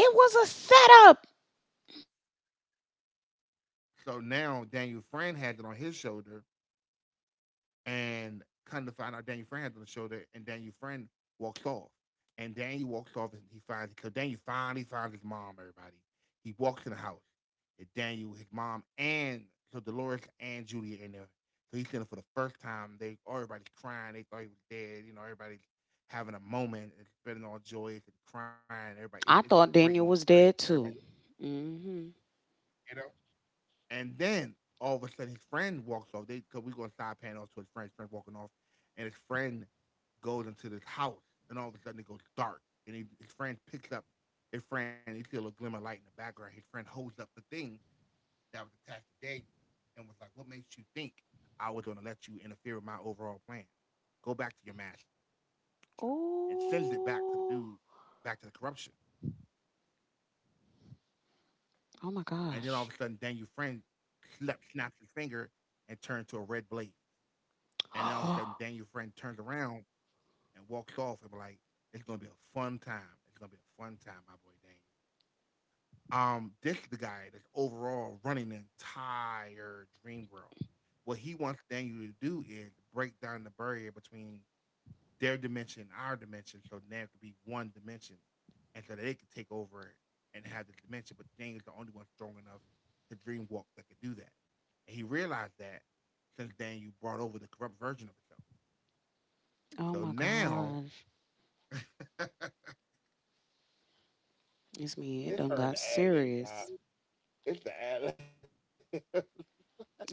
Speaker 2: It was a setup.
Speaker 1: So now Daniel Fran has it on his shoulder, and kind of find out Daniel Friend had on the show that, and Daniel Friend walks off, and Daniel walks off, and he finds, because Daniel finally finds his mom. Everybody, he walks in the house, and Daniel, his mom, and so Dolores and Judy are in there. So he's in there for the first time. They everybody's crying. They thought he was dead. You know, everybody's having a moment. It's been all joyous and crying. Everybody, it's
Speaker 2: I
Speaker 1: a
Speaker 2: thought
Speaker 1: great moment,
Speaker 2: Daniel was
Speaker 1: right?
Speaker 2: dead
Speaker 1: Everybody,
Speaker 2: too. Mm-hmm.
Speaker 1: you know. And then all of a sudden, his friend walks off. They, because we go side panel to his friend's friend walking off, and his friend goes into this house, and all of a sudden it goes dark. And his friend picks up his friend. He see a little glimmer of light in the background. His friend holds up the thing that was attached to Daniel and was like, "What makes you think I was going to let you interfere with my overall plan? Go back to your master." And sends it back to the dude, back to the
Speaker 2: Ooh.
Speaker 1: corruption. And then all
Speaker 2: Oh
Speaker 1: of a
Speaker 2: my
Speaker 1: sudden, Daniel's
Speaker 2: gosh.
Speaker 1: friend snaps his finger and turns to a red blaze. And then all of a sudden, Daniel friend turns around and walks off, and be like, "It's gonna be a fun time. It's gonna be a fun time, my boy Daniel." This is the guy that's overall running the entire Dream World. What he wants Daniel to do is break down the barrier between their dimension and our dimension, so now it could be one dimension, and so that they could take over and have the dimension. But Daniel's the only one strong enough to dream walk that could do that, and he realized that since Daniel brought over the corrupt version of himself.
Speaker 2: Oh
Speaker 1: So
Speaker 2: my
Speaker 1: now
Speaker 2: gosh. It's me. It
Speaker 1: it's
Speaker 2: done
Speaker 1: her in the
Speaker 2: got
Speaker 1: ad lib job.
Speaker 2: serious.
Speaker 1: It's the ad lib.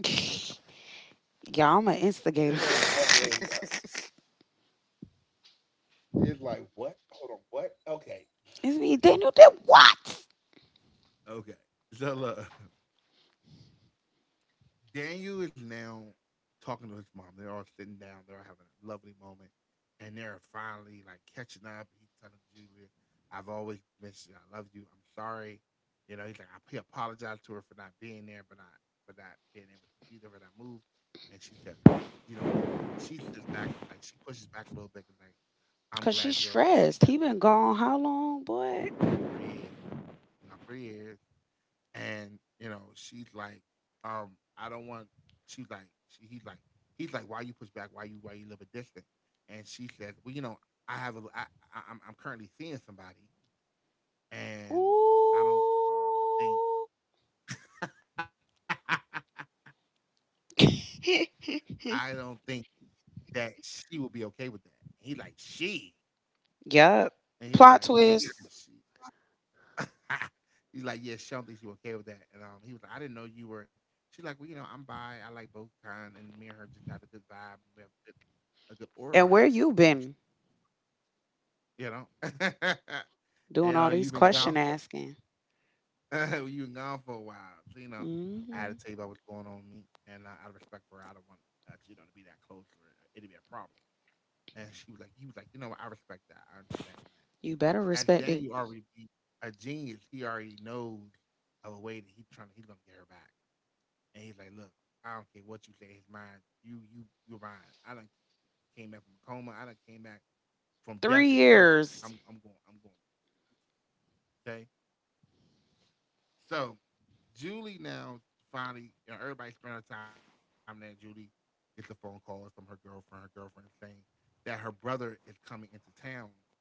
Speaker 2: Y'all, I'm an
Speaker 1: It's her in
Speaker 2: instigator.
Speaker 1: the ad lib job.
Speaker 2: It's
Speaker 1: It's like, what? Hold on, what? Okay.
Speaker 2: me, Daniel did what?
Speaker 1: Okay. So look, Daniel is now talking to his mom. They're all sitting down. They're all having a lovely moment, and they're finally like catching up. He's telling Julia, "I've always mentioned you. I love you. I'm sorry." You know, he's like, he apologized to her for not being there, but not for not being able to be there for that move. And she said, you know, she sits back and like she pushes back a little bit and like, "I'm
Speaker 2: Cause she's
Speaker 1: glad you're okay. I'm
Speaker 2: stressed. He
Speaker 1: glad
Speaker 2: been
Speaker 1: you're"
Speaker 2: gone how long, boy?
Speaker 1: 3 years, you know, 3 years. And you know she's like, um "I don't want" he's like, "Why you push back? Why you why you live a distance?" And she says, "Well, you know, i have a i, I'm currently seeing somebody, and I don't think
Speaker 2: Ooh.
Speaker 1: I don't think that she will be okay with that." And he like she,
Speaker 2: Yup.
Speaker 1: and he was like,
Speaker 2: Plot
Speaker 1: "Yeah,
Speaker 2: twist.
Speaker 1: she—" He's like, "Yeah, she don't think she okay with that." And he was like, "I didn't know you were—" She's like, "Well, you know, I'm bi. I like both kind, and me and her just had a good vibe. We have a good aura by
Speaker 2: And where
Speaker 1: herself.
Speaker 2: you
Speaker 1: You know, she—"
Speaker 2: been
Speaker 1: You know,
Speaker 2: doing
Speaker 1: and
Speaker 2: all these
Speaker 1: "You've been gone
Speaker 2: question asking?
Speaker 1: for" "you've been gone for a while. So you know, I had to
Speaker 2: Hmm.
Speaker 1: tell you about what's going on with me, and out of respect for her, I don't want, you know, to be that close, or it'd be a problem." And she was like, he was like, "You know what? I respect that. I understand that."
Speaker 2: You better
Speaker 1: As
Speaker 2: respect it.
Speaker 1: Daniel already be a genius, he already knows of a way that he's trying to he's gonna get her back. And he's like, "Look, I don't care what you say," his mind, you you're mine. I done came back from a coma. I done came back from death itself.
Speaker 2: Three
Speaker 1: I'm I'm
Speaker 2: years.
Speaker 1: going I'm going Okay. So Julie now finally, you know, everybody spent her time there. Julie gets a phone call from her girlfriend saying that her brother is coming into town,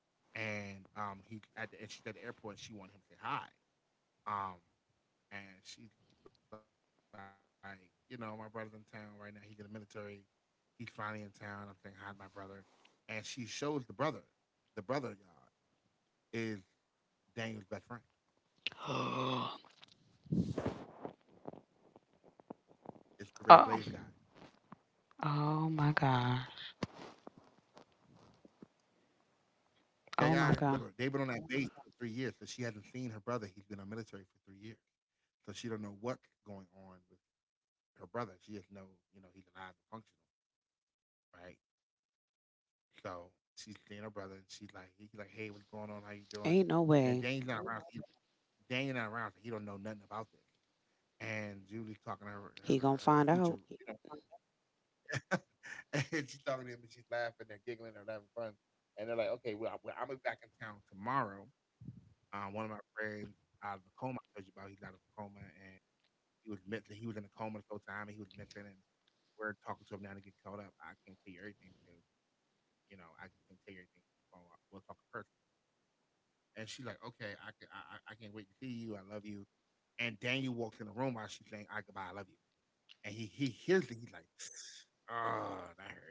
Speaker 1: and he at the, and she's at the airport and she wanted him to say hi. Um and she's like, "You know, my brother's in town right now. He's in the military. He's finally in town. I'm saying hi to my brother." And she shows the brother. The brother, y'all, is Daniel's best friend.
Speaker 2: Oh.
Speaker 1: It's the Red Blaze guy.
Speaker 2: Oh my god.
Speaker 1: Okay,
Speaker 2: Oh my
Speaker 1: guys?
Speaker 2: god.
Speaker 1: Remember, they've been on that base for 3 years, so she hasn't seen her brother. He's been on military for 3 years. So she don't know what's going on with her brother. She just know, you know, he's alive and functional, right? So she's seeing her brother, and she's like, he like, hey, what's going on? How you doing?
Speaker 2: Ain't no
Speaker 1: And
Speaker 2: way
Speaker 1: Dane's not around. Dane not around. So he don't know nothing about this. And Julie's talking to
Speaker 2: he gonna
Speaker 1: her
Speaker 2: find
Speaker 1: future,
Speaker 2: out.
Speaker 1: you know, and she's talking to him, and she's laughing and giggling and having fun. And they're like, okay, well, I'm gonna be back in town tomorrow. One of my friends out of the coma I told you about, he's out of the coma, and he was in the coma this whole time and he was mental, and we're talking to him now to get caught up. I can't tell you everything because, you know, I can't tell you everything over the phone. We'll talk in person. And she's like, okay, I can't wait to see you. I love you. And Daniel walks in the room while she's saying, I goodbye, I love you. And he hears it, he's like, oh, that hurt.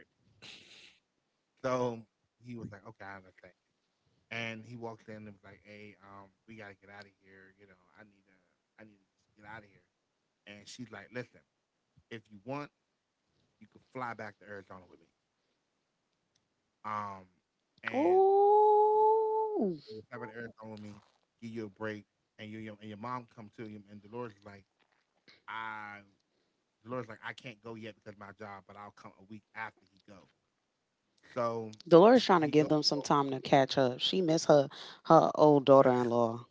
Speaker 1: So he was like, okay, I understand. And he walks in and was like, hey, we gotta get out of here, you know, I need to just get out of here. And she's like, "Listen, if you want, you could fly back to Arizona with me. Um, and
Speaker 2: Ooh.
Speaker 1: You can fly back to Arizona with me, give you a break, and your mom come to you." And Dolores is like, I I can't go yet because of my job, but I'll come a week after he go. So
Speaker 2: Dolores trying to
Speaker 1: he
Speaker 2: give
Speaker 1: goes.
Speaker 2: them some time to catch up. She miss her old daughter in law.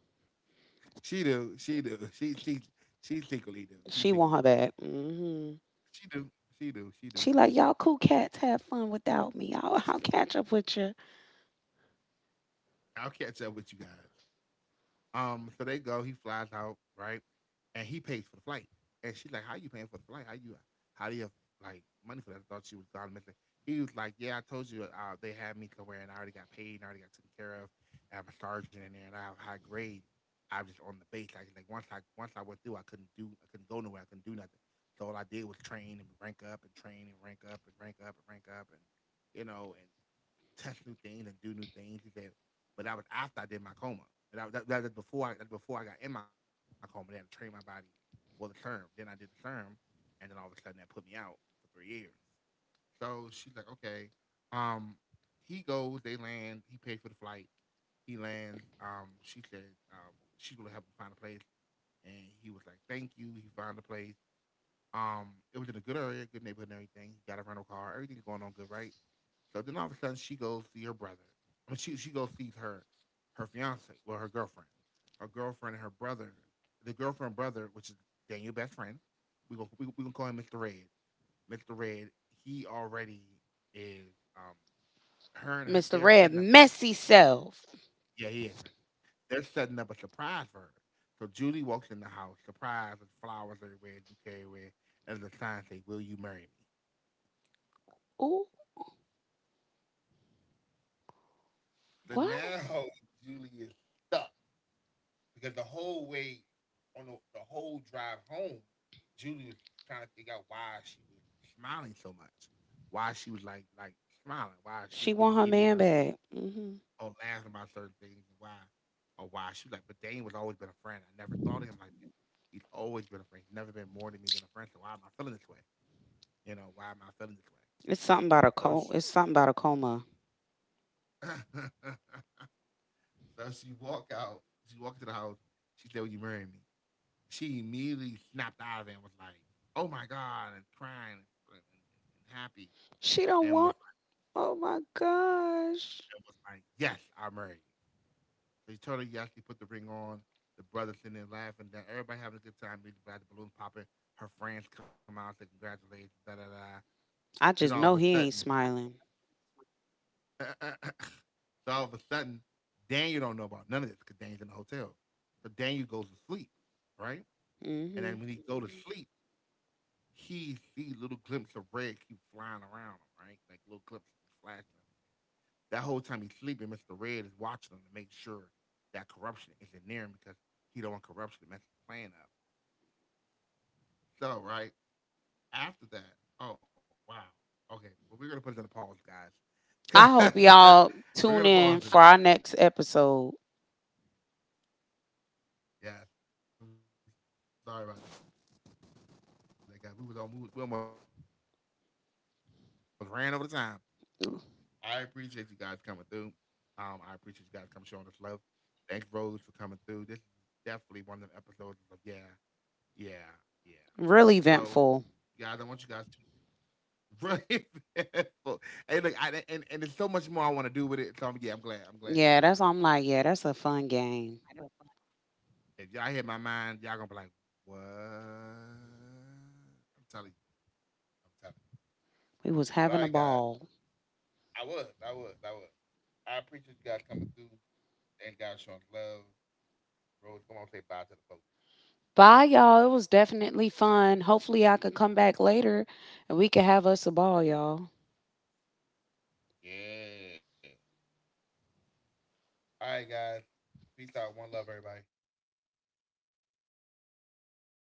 Speaker 1: She do, she secretly do,
Speaker 2: She want her back. Hmm.
Speaker 1: she do,
Speaker 2: She
Speaker 1: she
Speaker 2: like,
Speaker 1: do.
Speaker 2: y'all cool cats have fun without me. I'll catch up with you.
Speaker 1: I'll catch up with you guys. So they go. He flies out, right? And he pays for the flight. And she's like, "How you paying for the flight? How do you have like money for that?" I thought she was God. He was like, "Yeah, I told you they had me somewhere, and I already got paid, and I already got taken care of. And I'm a sergeant in there, and I have high grade. I'm just on the base. Once I went through, I couldn't go nowhere, I couldn't do nothing. So all I did was train and rank up and train and rank up and rank up and rank up and you know, and touch new things and do new things." He said, "but that was after I did my coma. And that was before I that before I got in my coma. They had to train my body for the term. Then I did the term, and then all of a sudden that put me out for 3 years." So she's like, okay. Um, he goes. They land. He paid for the flight. He lands. She said she's gonna help him find a place, and he was like, thank you. He found a place. Um, it was in a good area, good neighborhood and everything. He got a rental car, everything's going on good, right? So then all of a sudden she goes see her brother. I mean, she goes sees her her fiance, well, her girlfriend. Her girlfriend and her brother, the girlfriend brother, which is Daniel's best friend. We gonna call him Mr. Red. Mr. Red, he already is um her and her
Speaker 2: Mister
Speaker 1: they're
Speaker 2: Red
Speaker 1: setting up,
Speaker 2: messy self.
Speaker 1: yeah, he is messy. They're setting up a surprise for her. So Julie walks in the house, surprise, with flowers everywhere, bouquet everywhere, and the sign say, "Will you marry me?"
Speaker 2: Ooh,
Speaker 1: So
Speaker 2: what?
Speaker 1: now Julie is stuck because the whole way the whole drive home, Julie was trying to figure out why she was smiling so much, why she was smiling, why she was
Speaker 2: She
Speaker 1: getting
Speaker 2: want her
Speaker 1: giddy
Speaker 2: man
Speaker 1: about
Speaker 2: back. Hmm.
Speaker 1: or laughing about certain things and why or why she was like, but Dane was always been a friend. I never thought of him like that. He's always been a friend. He's never been more to me than a friend. So why am I feeling this way? You know, why am I feeling this way?
Speaker 2: It's something about a
Speaker 1: So
Speaker 2: co. It's something about a coma.
Speaker 1: she, so she walked out. She walked to the house. She said, "Will you marry me?" She immediately snapped out of it and was like, "Oh my god!" and crying, and, and happy,
Speaker 2: She don't want.
Speaker 1: and
Speaker 2: Oh my gosh.
Speaker 1: was like, "Yes, I'll marry you." So he actually put the ring on. The brothers sitting there laughing, down. Everybody having a good time. Meet the balloon popping. Her friends come out to congratulate. Da da da. Then
Speaker 2: I
Speaker 1: all of
Speaker 2: just
Speaker 1: a
Speaker 2: know he
Speaker 1: sudden,
Speaker 2: ain't smiling.
Speaker 1: so all of a sudden, Daniel don't know about none of this because Daniel's in the hotel. So Daniel goes to sleep, right? And
Speaker 2: Hmm.
Speaker 1: then when he go to sleep, he see little glimpse of red keep flying around him, right? Like little glimpses flashing. That whole time he's sleeping, Mr. Red is watching him to make sure that corruption isn't near him because he don't want corruption to mess his plan up. So, right after that, oh wow, okay. Well, we're gonna
Speaker 2: I
Speaker 1: put it in a
Speaker 2: hope
Speaker 1: pause,
Speaker 2: y'all tune in for
Speaker 1: guys,
Speaker 2: our next
Speaker 1: because
Speaker 2: episode.
Speaker 1: we're gonna pause it. Yes, I'm sorry about that, guys. We was on, we, was- We almost ran over the time, and she's about to let me keep going, y'all. I appreciate you guys coming through. I appreciate you guys coming showing us love. Thanks, Rose, for coming through. This is definitely one of them episodes of
Speaker 2: Really
Speaker 1: yeah,
Speaker 2: eventful.
Speaker 1: yeah, yeah. So, guys, I want you guys. Right. Hey, look, and there's so much more I want to do with it. So I'm, yeah, I'm glad.
Speaker 2: Yeah,
Speaker 1: I'm
Speaker 2: that's
Speaker 1: glad we're
Speaker 2: I'm
Speaker 1: ending right
Speaker 2: like, yeah,
Speaker 1: here
Speaker 2: that's a fun game.
Speaker 1: because if y'all hit my mind, y'all gonna be like, "What?" I'm telling you. I'm telling
Speaker 2: We was having
Speaker 1: you.
Speaker 2: a
Speaker 1: But alright, guys,
Speaker 2: ball.
Speaker 1: I was. I appreciate you guys coming through and guys showing love. Rose, come on, say bye to the folks.
Speaker 2: Bye, y'all. It was definitely fun. Hopefully, I could come back later and we could have us a ball, y'all.
Speaker 1: Yeah. All right, guys. Peace out. One love, everybody.